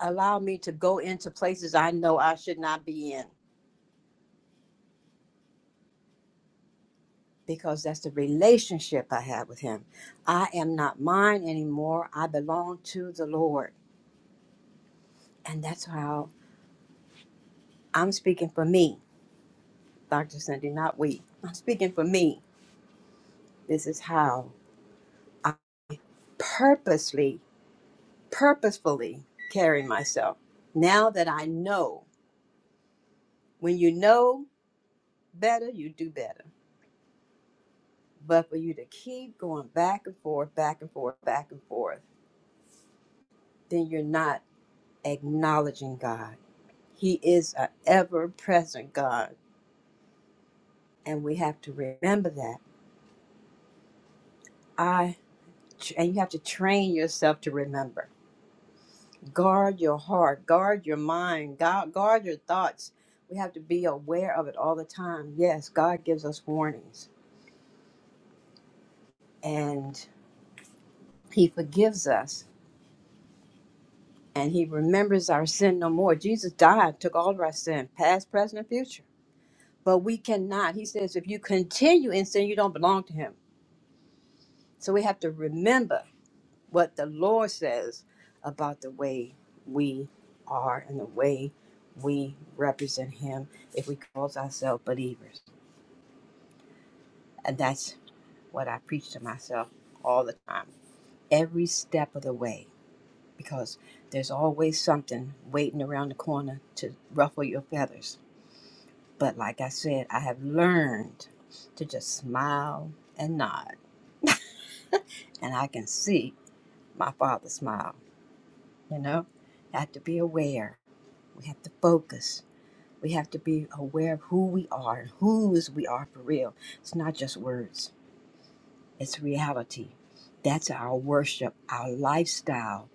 F: allow me to go into places I know I should not be in because that's the relationship I have with him. I am not mine anymore. I belong to the Lord. And that's how I'm speaking for me, Dr. Cindy, not we. I'm speaking for me. This is how I purposely purposefully carry myself now that I know. When you know better, you do better. But for you to keep going back and forth, back and forth, back and forth, then you're not acknowledging God. He is an ever present God. And we have to remember that. I and you have to train yourself to remember. Guard your heart, guard your mind, guard, guard your thoughts. We have to be aware of it all the time. Yes, God gives us warnings. And He forgives us and he remembers our sin no more. Jesus died, took all of our sin, past, present, and future. But we cannot. He says, if you continue in sin, you don't belong to him. So we have to remember what the Lord says about the way we are and the way we represent him if we call ourselves believers. And that's what I preach to myself all the time, every step of the way. because there's always something waiting around the corner to ruffle your feathers. But like I said, I have learned to just smile and nod, and I can see my father smile. You know, I have to be aware. We have to focus. We have to be aware of who we are and whose we are for real. It's not just words, it's reality. That's our worship, our lifestyle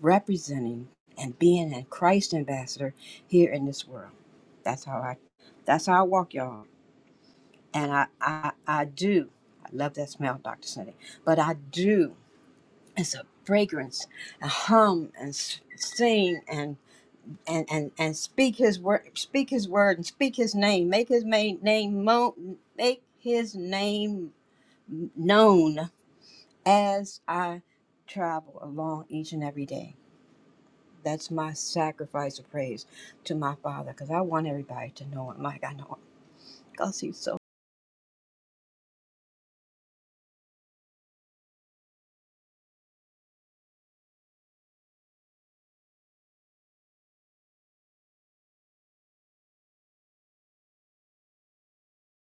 F: representing and being a Christ ambassador here in this world. That's how I that's how I walk, y'all. And I I, I do I love that smell, Dr. Sunday. But I do it's a fragrance, a hum and s- sing and and and and speak his word speak his word and speak his name. Make his ma- name mo- make his name known as I travel along each and every day. That's my sacrifice of praise to my Father because I want everybody to know Him like I know Him because He's so.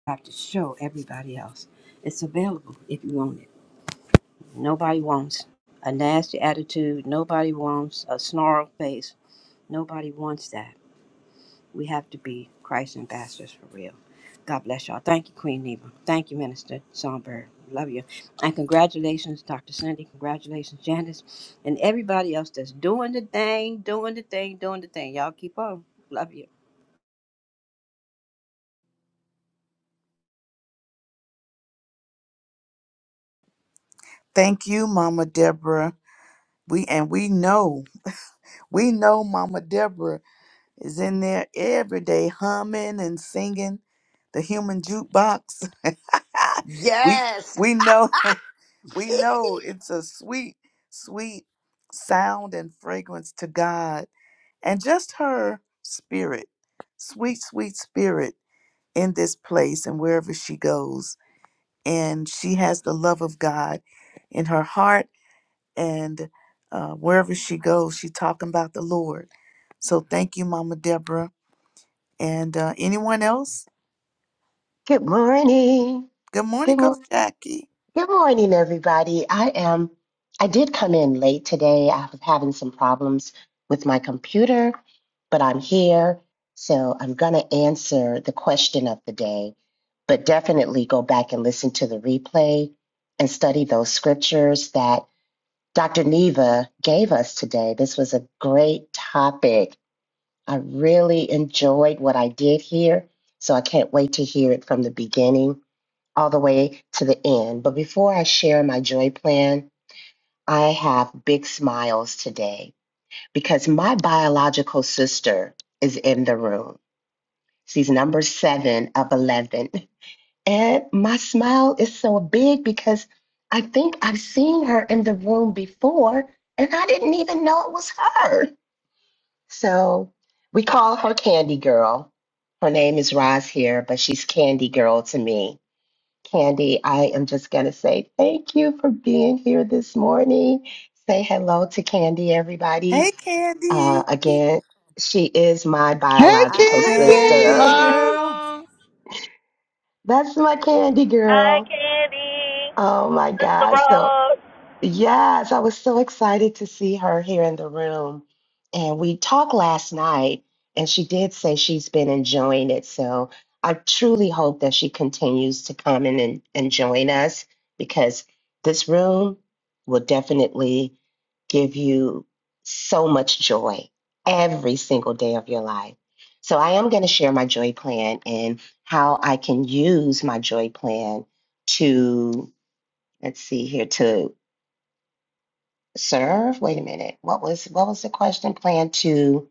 F: I have to show everybody else. It's available if you want it. Nobody wants a nasty attitude. Nobody wants a snarled face. Nobody wants that. We have to be Christ ambassadors for real. God bless y'all. Thank you, Queen Neva. Thank you, Minister Songbird. Love you. And congratulations, Dr. Cindy. Congratulations, Janice. And everybody else that's doing the thing, doing the thing, doing the thing. Y'all keep on. Love you.
B: Thank you, Mama Deborah. We and we know We know Mama Deborah is in there every day humming and singing the human jukebox. we
D: Yes.
B: we know we know it's a sweet, sweet sound and fragrance to God and just her spirit, sweet, sweet spirit in this place and wherever she goes. And she has the love of God in her heart and uh, wherever she goes, she's talking about the Lord. So thank you, Mama Deborah, and uh, anyone else.
G: Good morning.
B: Good morning,
G: Good,
B: Coach
G: mo-
B: Jackie.
G: good morning, everybody. I am, I did come in late today. I was having some problems with my computer, but I'm here. So I'm going to answer the question of the day, but definitely go back and listen to the replay and study those scriptures that Dr. Neva gave us today. This was a great topic. I really enjoyed what I did here. So I can't wait to hear it from the beginning all the way to the end. But before I share my joy plan, I have big smiles today because my biological sister is in the room. She's number seven of 11. And my smile is so big because I think I've seen her in the room before and I didn't even know it was her. So we call her Candy Girl. Her name is Roz here, but she's Candy Girl to me. Candy, I am just going to say thank you for being here this morning. Say hello to Candy,
B: Hey,
G: everybody. Uh,
B: Candy,
G: again, she is my
A: Hey,
G: biological
D: Hi,
F: Hi,
A: Candy.
B: Candy
G: sister.
D: Candy.
F: Candy.
B: girl.
H: Hello.
G: That's my Candy
I: Hi,
G: girl.
I: Candy.
G: Oh my
I: Sister
G: God. So
I: Rose.
G: Yes, I was so excited to see her here in the room. And we talked last night, and she did say she's been enjoying it. So I truly hope that she continues to come in and, and join us because this room will definitely give you so much joy every single day of your life. So I am going to share my joy plan and how I can use my joy plan to, let's see here, to Serve? Wait a minute. What was what was the question? Plan to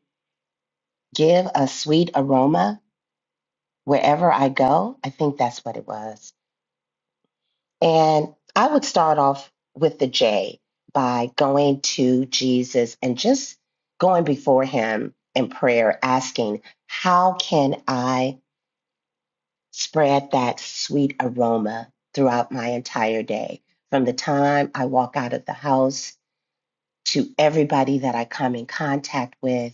G: give a sweet aroma wherever I go? I think that's what it was. And I would start off with the J by going to Jesus and just going before him in prayer, asking, How can I spread that sweet aroma throughout my entire day? From the time I walk out of the house to everybody that I come in contact with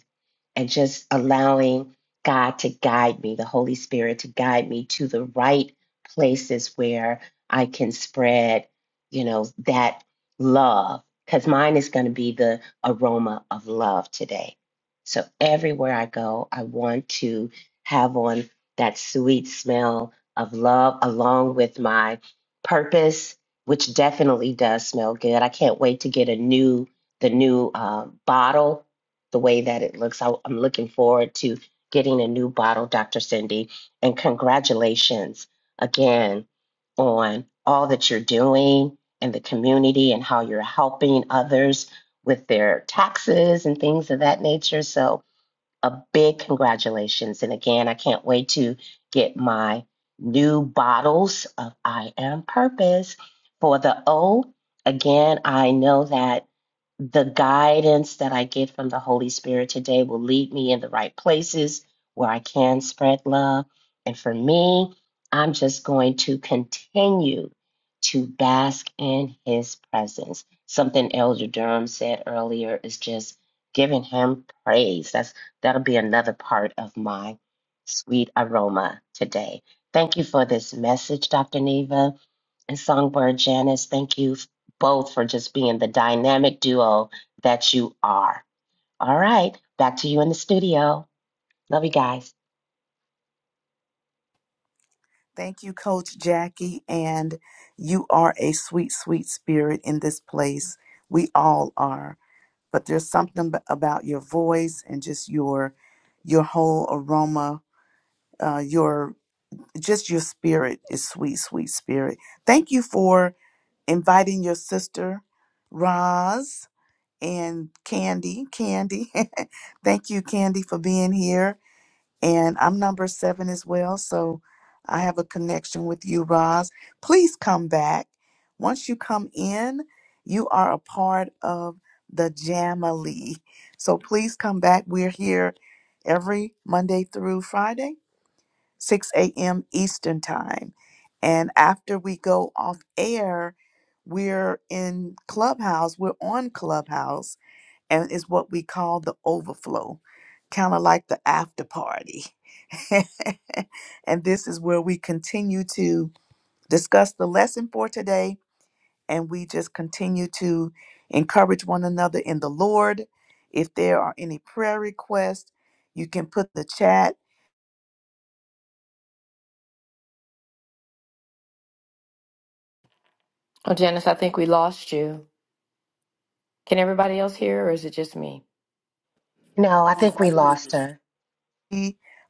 G: and just allowing God to guide me, the Holy Spirit to guide me to the right places where I can spread, you know, that love. Because mine is going to be the aroma of love today. So everywhere I go, I want to have on that sweet smell of love along with my purpose, which definitely does smell good. I can't wait to get a new the new uh, bottle the way that it looks. I, I'm looking forward to getting a new bottle, Dr. Cindy. And congratulations again on all that you're doing and the community and how you're helping others with their taxes and things of that nature. So, a big congratulations. And again, I can't wait to get my new bottles of I Am Purpose. For the O, again, I know that the guidance that I get from the Holy Spirit today will lead me in the right places where I can spread love. And for me, I'm just going to continue to bask in his presence. Something Elder Durham said earlier is just giving him praise. That's That'll be another part of my sweet aroma today. Thank you for this message, Dr. Neva and Songbird Janice. Thank you both for just being the dynamic duo that you are. All right, back to you in the studio. Love you guys.
B: Thank you, Coach Jackie, and you are a sweet, sweet spirit in this place. We all are, but there's something ab- about your voice and just your your whole aroma, uh, your just your spirit is sweet, sweet spirit. Thank you for inviting your sister Roz and Candy. Candy, thank you, Candy, for being here. And I'm number seven as well, so I have a connection with you, Roz. Please come back. Once you come in, you are a part of the Jamily. So please come back. We're here every Monday through Friday 6 a.m. Eastern Time. And after we go off air, we're in Clubhouse, we're on Clubhouse, and it's what we call the overflow, kind of like the after party. and this is where we continue to discuss the lesson for today, and we just continue to encourage one another in the Lord. If there are any prayer requests, you can put the chat.
C: Oh, Janice, I think we lost you. Can everybody else hear or is it just me?
G: No, I think we lost her.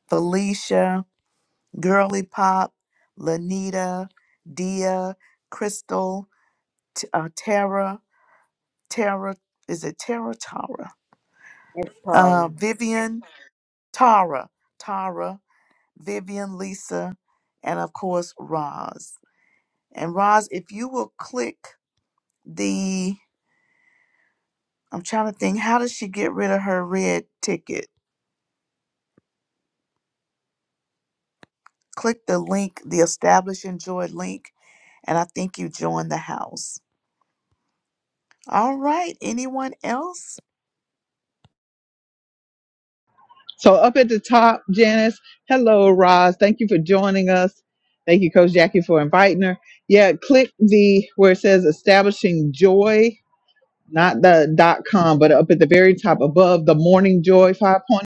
B: Felicia, Girly Pop, Lanita, Dia, Crystal, T- uh, Tara, Tara, is it Tara? Tara.
F: It's
B: Uh,
F: Paula.
B: Vivian, Tara, Tara, Vivian, Lisa, and of course, Roz. And Roz, if you will click the, I'm trying to think, how does she get rid of her red ticket? Click the link, the Establish Enjoy link, and I think you join the house. All right, anyone else?
A: So up at the top, Janice. Hello, Roz. Thank you for joining us. Thank you, Coach Jackie, for inviting her. Yeah, click the where it says establishing joy, not the dot com, but up at the very top above the morning joy 5.0,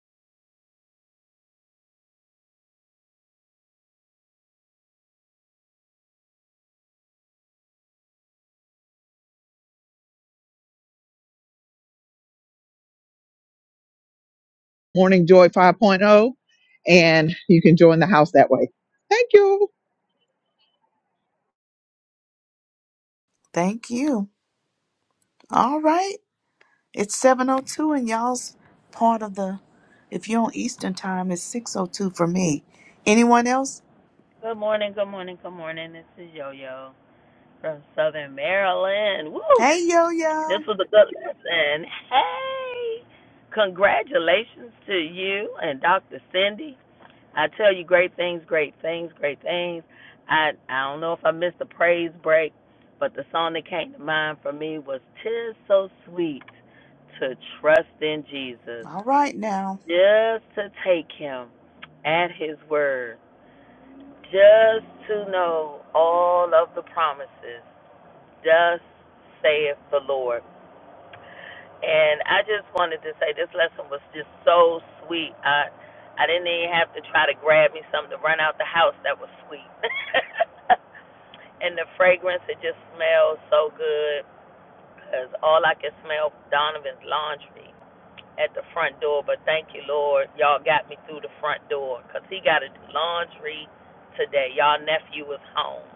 A: morning joy 5.0. And you can join the house that way. Thank you.
B: Thank you. All right. It's 702 and y'all's part of the if you're on Eastern time, it's 602 for me. Anyone else?
I: Good morning, good morning, good morning. This is Yo Yo from Southern Maryland. Woo!
B: Hey yo yo.
I: This was a good lesson. Hey! Congratulations to you and Dr. Cindy. I tell you great things, great things, great things. I I don't know if I missed the praise break, but the song that came to mind for me was Tis So Sweet to Trust in Jesus.
B: All right now.
I: just to take him at his word, just to know all of the promises. Thus saith the Lord. And I just wanted to say this lesson was just so sweet. I I didn't even have to try to grab me something to run out the house. That was sweet. and the fragrance, it just smells so good because all I can smell Donovan's laundry. at the front door, but thank you, Lord, y'all got me through the front door, cause he got to do laundry today. Y'all nephew was home,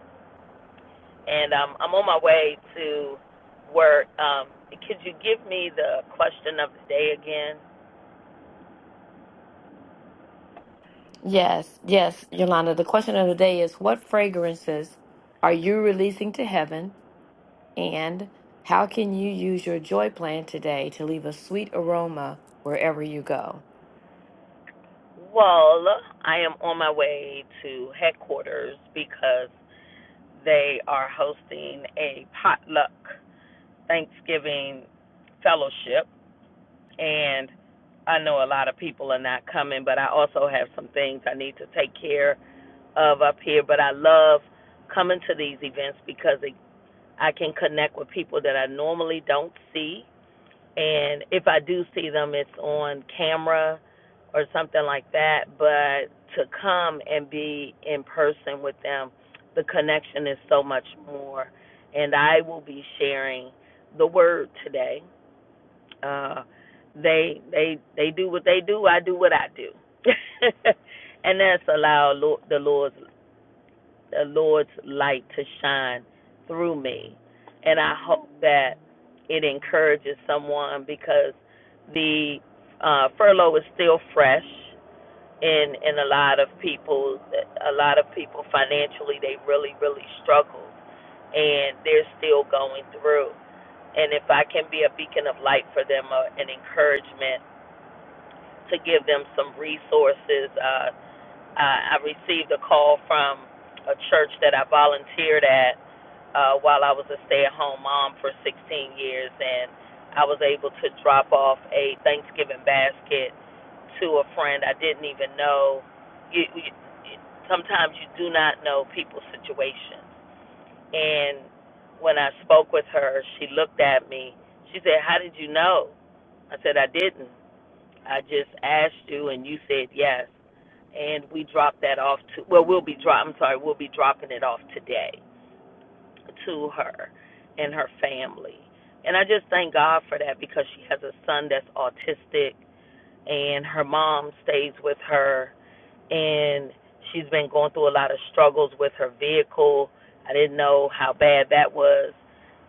I: and um, I'm on my way to work. Um, could you give me the question of the day again?
C: Yes, yes, Yolanda. The question of the day is what fragrances are you releasing to heaven And how can you use your joy plan today to leave a sweet aroma wherever you go?
I: Well, I am on my way to headquarters because they are hosting a potluck Thanksgiving fellowship and I know a lot of people are not coming, but I also have some things I need to take care of up here. But I love coming to these events because it, I can connect with people that I normally don't see, and if I do see them, it's on camera or something like that. But to come and be in person with them, the connection is so much more. And I will be sharing the word today uh, they they they do what they do. I do what I do, and that's allow Lord, the Lord's the Lord's light to shine through me. And I hope that it encourages someone because the uh, furlough is still fresh in in a lot of people. A lot of people financially they really really struggle, and they're still going through. And if I can be a beacon of light for them, uh, an encouragement to give them some resources. Uh, I, I received a call from a church that I volunteered at uh, while I was a stay-at-home mom for 16 years, and I was able to drop off a Thanksgiving basket to a friend I didn't even know. You, you, sometimes you do not know people's situations, and when I spoke with her, she looked at me. She said, "How did you know?" I said, "I didn't." I just asked you and you said yes. And we dropped that off to, well, we'll be drop, I'm sorry, we'll be dropping it off today to her and her family. And I just thank God for that because she has a son that's autistic and her mom stays with her and she's been going through a lot of struggles with her vehicle. I didn't know how bad that was.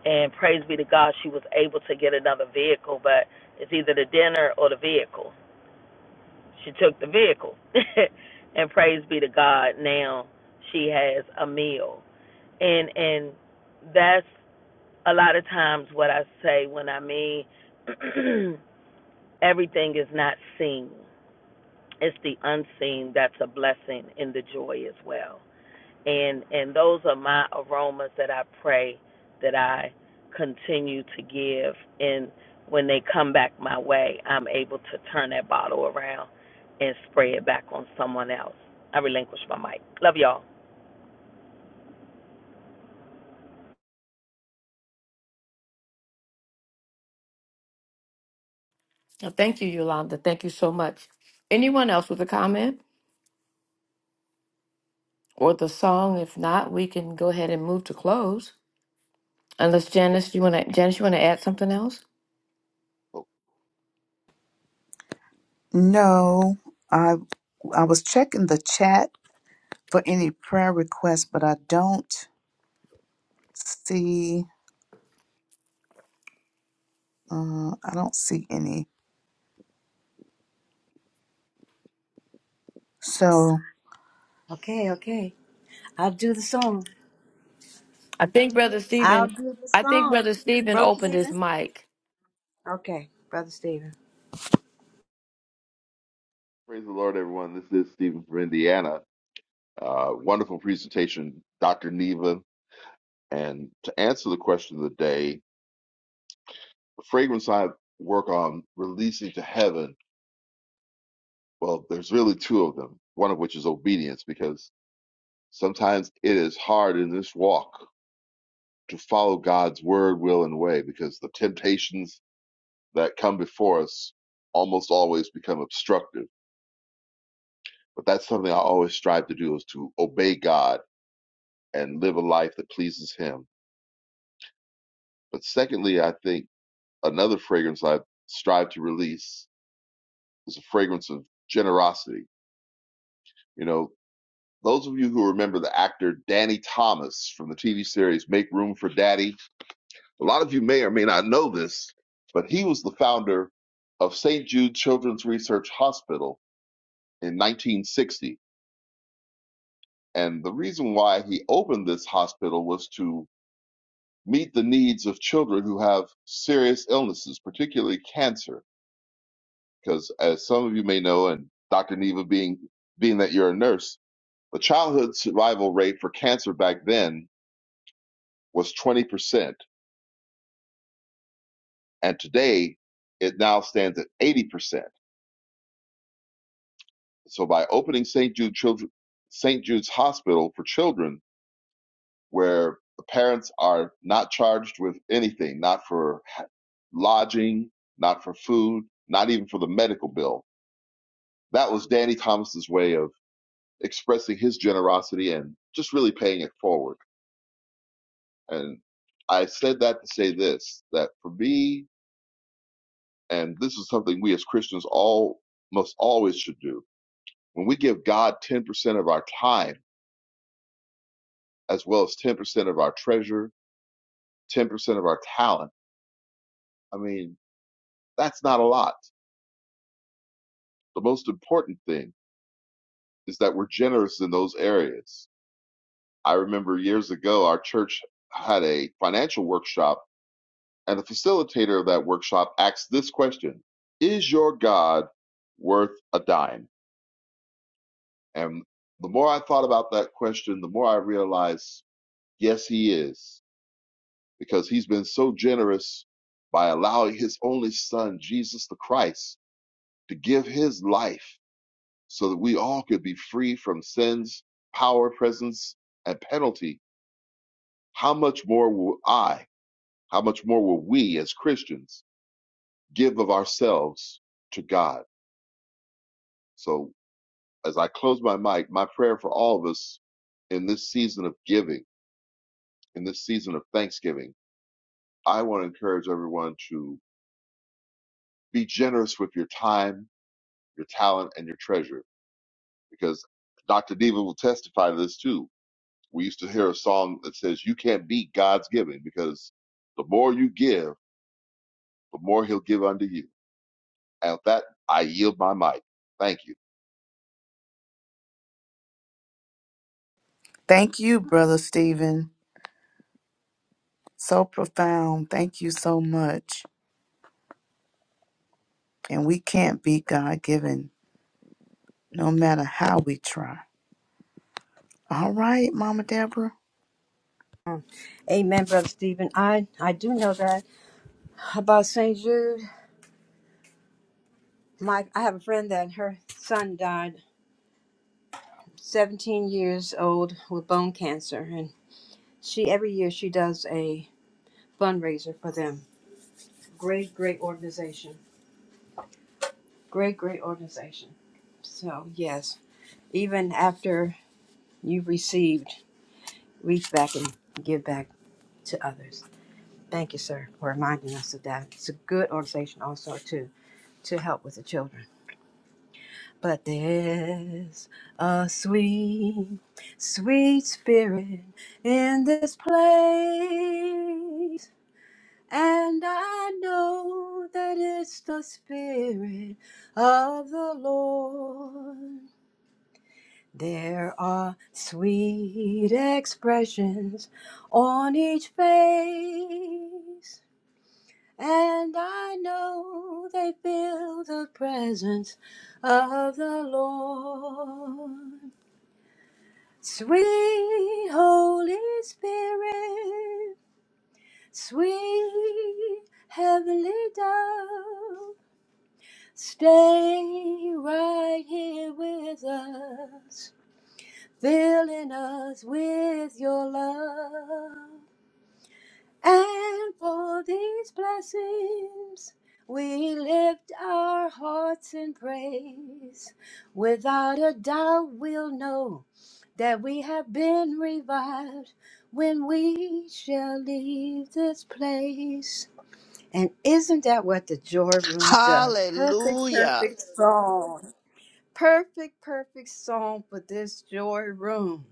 I: And praise be to God she was able to get another vehicle, but it's either the dinner or the vehicle she took the vehicle. and praise be to God, now she has a meal. And and that's a lot of times what I say when I mean everything is not seen. It's the unseen that's a blessing in the joy as well and and those are my aromas that I pray that I continue to give and when they come back my way I'm able to turn that bottle around and spray it back on someone else. I relinquish my mic. Love y'all.
C: Now, thank you, Yolanda. Thank you so much. Anyone else with a comment or the song? If not, we can go ahead and move to close. Unless Janice, you want to Janice, you want to add something else?
J: Well,
B: No. I I was checking the chat for any prayer requests, but I don't see uh I don't see any. So
F: Okay, okay. I'll do the song.
C: I think Brother
F: I'll
C: Stephen,
F: do the
C: I think
F: song.
C: Brother Stephen
F: Brother
C: opened his
F: Stephen?
C: mic.
F: Okay, Brother Stephen.
J: praise the Lord, everyone. This is Stephen from Indiana. Uh, wonderful presentation, Dr. Neva. And to answer the question of the day, the fragrance I work on releasing to heaven, well, there's really two of them, one of which is obedience, because sometimes it is hard in this walk to follow God's word, will, and way, because the temptations that come before us almost always become obstructive. But that's something I always strive to do is to obey God and live a life that pleases Him But secondly, I think another fragrance I strive to release is a fragrance of generosity. You know, those of you who remember the actor Danny Thomas from the TV series Make Room for Daddy, a lot of you may or may not know this, but he was the founder of St. Jude Children's Research Hospital in 1960. And the reason why he opened this hospital was to meet the needs of children who have serious illnesses, particularly cancer because as some of you may know, and Dr. Neva being being that you're a nurse, the childhood survival rate for cancer back then was 20%, and today it now stands at 80%. So by opening St. Jude Children St. Jude's Hospital for children, where the parents are not charged with anything, not for ha- lodging, not for food, not even for the medical bill. That was Danny Thomas's way of expressing his generosity and just really paying it forward And I said that to say this that for me, and this is something we as Christians all must always should do. When we give God 10% of our time, as well as 10% of our treasure, 10% of our talent, I mean, that's not a lot. The most important thing is that we're generous in those areas. I remember years ago, our church had a financial workshop, and the facilitator of that workshop asked this question Is your God worth a dime? And the more I thought about that question, the more I realized, yes, he is, because he's been so generous by allowing his only son, Jesus the Christ, to give his life so that we all could be free from sin's power, presence, and penalty. How much more will I, how much more will we as Christians give of ourselves to God? So as I close my mic, my prayer for all of us in this season of giving, in this season of thanksgiving, I want to encourage everyone to be generous with your time, your talent, and your treasure because Dr. Diva will testify to this too. We used to hear a song that says, You can't beat God's giving because the more you give, the more He'll give unto you. And with that, I yield my mic. Thank you.
B: thank you, Brother Stephen. So profound. Thank you so much. And we can't be God given no matter how we try. All right, Mama Deborah.
F: Mm. Amen, Brother Stephen. I, I do know that about St. Jude. My I have a friend that her son died 17 years old with bone cancer and she every year she does a fundraiser for them. Great great organization. Great great organization. So, yes, even after you've received, reach back and give back to others. Thank you, sir, for reminding us of that. It's a good organization also too to help with the children. But there's a sweet, sweet spirit in this place. And I know that it's the spirit of the Lord. There are sweet expressions on each face. And I know they feel the presence of the Lord. Sweet Holy Spirit, sweet Heavenly Dove, stay right here with us, filling us with your love. And for these blessings, we lift our hearts in praise. Without a doubt, we'll know that we have been revived when we shall leave this place. And isn't that what the joy room does? Perfect,
D: Hallelujah.
F: perfect song. Perfect, perfect song for this joy room.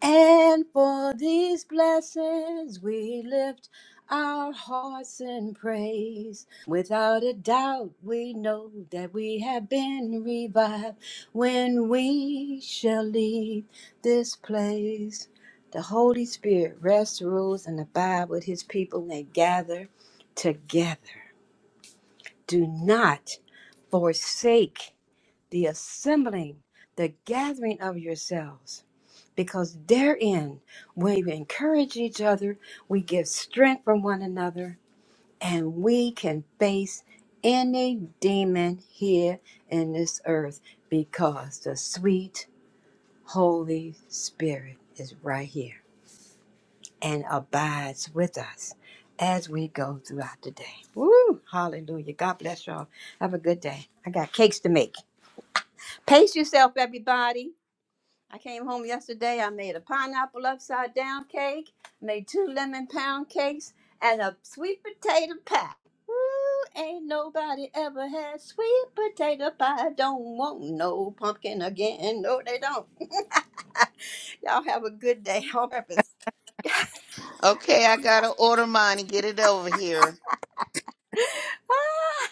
F: And for these blessings, we lift our hearts in praise. Without a doubt, we know that we have been revived when we shall leave this place. The Holy Spirit rests, rules, and abide with his people and they gather together. Do not forsake the assembling, the gathering of yourselves because therein we encourage each other, we give strength from one another, and we can face any demon here in this earth because the sweet Holy Spirit is right here and abides with us as we go throughout the day. Woo! Hallelujah. God bless y'all. Have a good day. I got cakes to make. Pace yourself, everybody. I came home yesterday. I made a pineapple upside down cake, made two lemon pound cakes, and a sweet potato pie. Ooh, ain't nobody ever had sweet potato pie. Don't want no pumpkin again. No, they don't. Y'all have a good day on purpose.
D: Okay, I gotta order mine and get it over here.
F: Ah,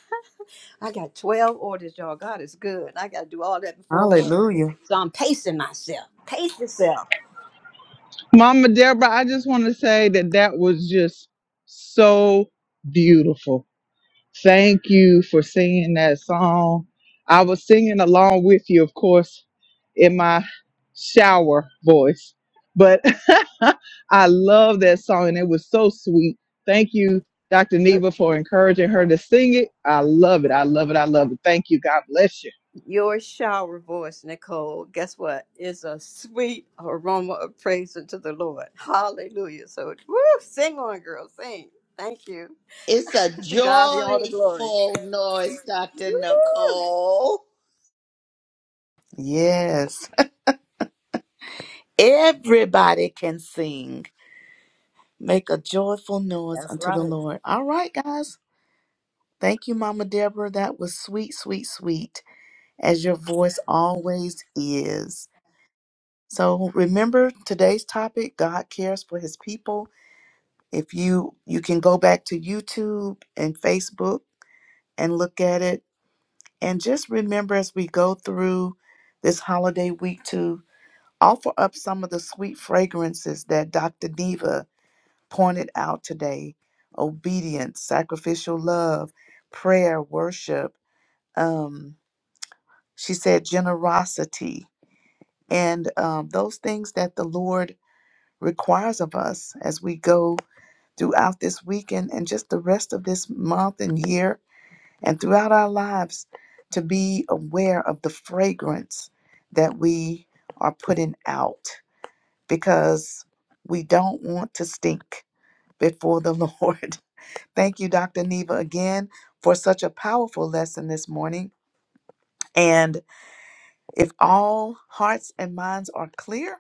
F: I got 12 orders, y'all. God is good. I got to do all that before Wednesday.
B: Hallelujah.
F: So I'm pacing myself. Pace yourself.
A: Mama Deborah, I just want to say that that was just so beautiful. Thank you for singing that song. I was singing along with you, of course, in my shower voice, but I love that song and it was so sweet. Thank you, Dr. Neva, for encouraging her to sing it. I love it. I love it. I love it. Thank you. God bless you.
F: Your shower voice, Nicole, guess what? Is a sweet aroma of praise unto the Lord. Hallelujah. So, woo, sing on, girl, sing. Thank you.
D: It's a
F: To God be all the glory.
D: joyful noise, Dr.
F: Woo!
D: Nicole.
B: Yes. Everybody can sing. Make a joyful noise
F: That's
B: unto the
F: right.
B: Lord. All right, guys. Thank you, Mama Deborah. That was sweet, sweet, sweet, as your voice always is. So remember today's topic, God cares for his people. If you you can go back to YouTube and Facebook and look at it. And just remember as we go through this holiday week to. Offer up some of the sweet fragrances that Dr. Diva pointed out today obedience, sacrificial love, prayer, worship. Um, she said generosity, and um, those things that the Lord requires of us as we go throughout this weekend and just the rest of this month and year and throughout our lives to be aware of the fragrance that we are putting out because we don't want to stink before the Lord. Thank you, Dr. Neva, again for such a powerful lesson this morning. And if all hearts and minds are clear,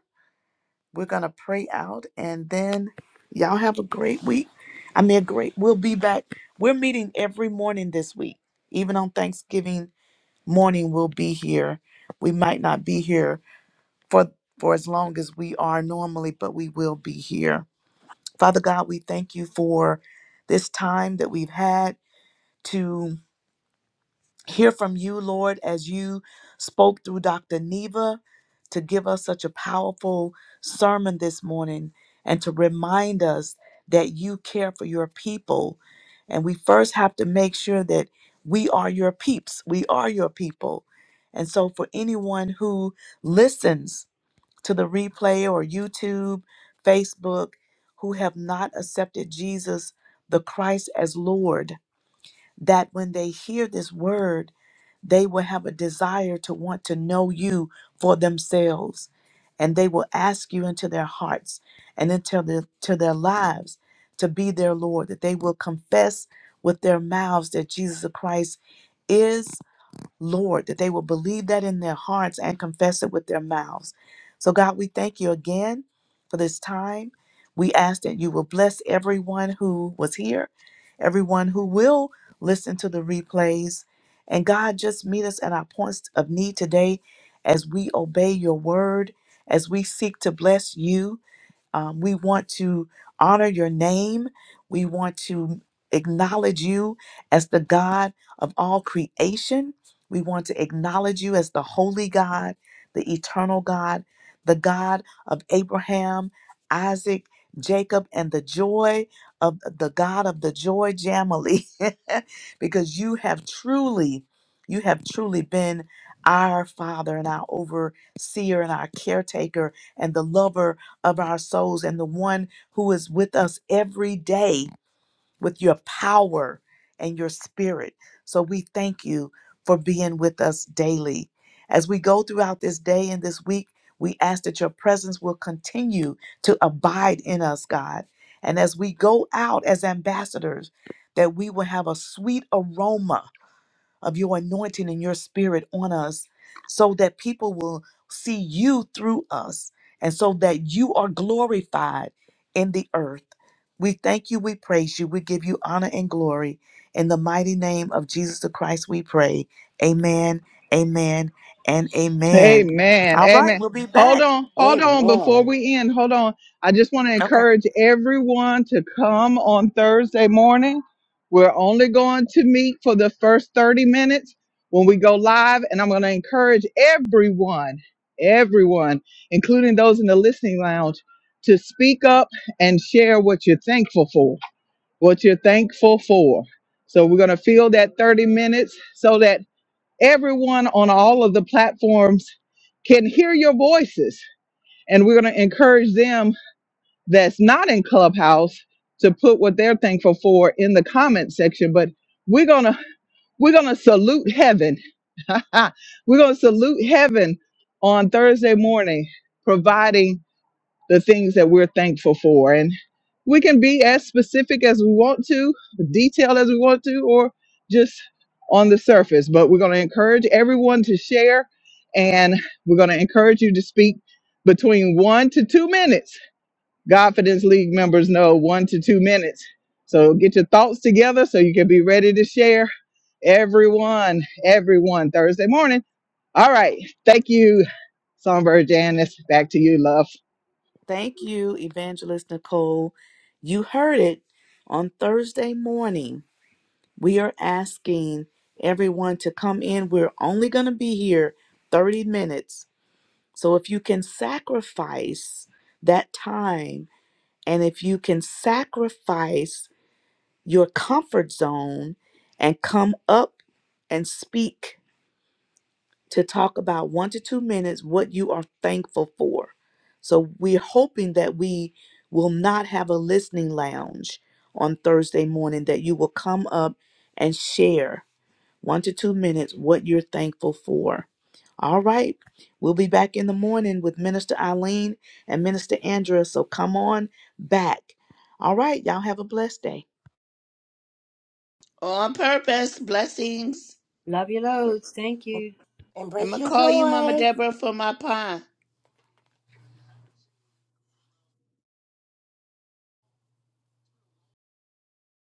B: we're going to pray out and then y'all have a great week. I mean, a great, we'll be back. We're meeting every morning this week. Even on Thanksgiving morning, we'll be here. We might not be here for, for as long as we are normally, but we will be here Father God, we thank you for this time that we've had to hear from you, Lord, as you spoke through Dr. Neva to give us such a powerful sermon this morning and to remind us that you care for your people. And we first have to make sure that we are your peeps, we are your people. And so, for anyone who listens to the replay or YouTube, Facebook, who have not accepted Jesus the Christ as Lord, that when they hear this word, they will have a desire to want to know you for themselves. And they will ask you into their hearts and into their, to their lives to be their Lord, that they will confess with their mouths that Jesus Christ is. Lord, that they will believe that in their hearts and confess it with their mouths. So, God, we thank you again for this time. We ask that you will bless everyone who was here, everyone who will listen to the replays. And God, just meet us at our points of need today as we obey your word, as we seek to bless you um, we want to honor your name. We want to acknowledge you as the God of all creation. We want to acknowledge you as the holy God, the eternal God, the God of Abraham, Isaac, Jacob, and the joy of the God of the joy Jamily, because you have truly, you have truly been our Father and our overseer and our caretaker and the lover of our souls and the one who is with us every day with your power and your spirit. So we thank you for being with us daily. As we go throughout this day and this week, we ask that your presence will continue to abide in us, God. And as we go out as ambassadors, that we will have a sweet aroma of your anointing and your spirit on us so that people will see you through us and so that you are glorified in the earth. We thank you, we praise you, we give you honor and glory. In the mighty name of Jesus the Christ, we pray. Amen, amen, and amen.
A: Amen.
B: All right,
A: Amen.
B: we'll be
A: Hold
B: back.
A: on. Hold on. Before
G: Amen.
A: we end, hold on. I just want to
B: Okay.
A: encourage everyone to come on Thursday morning. We're only going to meet for the first 30 minutes when we go live. And I'm going to encourage everyone, everyone, including those in the listening lounge, to speak up and share what you're thankful for, what you're thankful for. So we're going to fill that 30 minutes so that Everyone on all of the platforms can hear your voices. And we're going to encourage them that's not in Clubhouse to put what they're thankful for in the comment section. But we're going to we're going to salute heaven. we're going to salute heaven on Thursday morning, providing the things that we're thankful for. And we can be as specific as we want to, detailed as we want to, or just on the surface. But we're going to encourage everyone to share and we're going to encourage you to speak between one to two minutes. Godfidence League members know one to two minutes. So get your thoughts together so you can be ready to share. Everyone, everyone, Thursday morning. All right. Thank you, Songbird Janice. Back to you, love.
B: Thank you, Evangelist Nicole. You heard it on Thursday morning. We are asking everyone to come in. We're only going to be here 30 minutes. So if you can sacrifice that time and if you can sacrifice your comfort zone and come up and speak to talk about one to two minutes what you are thankful for. So we're hoping that we will not have a listening lounge on Thursday morning, that you will come up and share one to two minutes, what you're thankful for. All right. We'll be back in the morning with Minister Eileen and Minister Andrea. So come on back. All right. Y'all have a blessed day.
D: On purpose, blessings.
F: Love you loads. Thank you.
D: I'm
G: Embrace
D: going to
G: your
D: call you Mama
G: joy.
D: Deborah for my pie.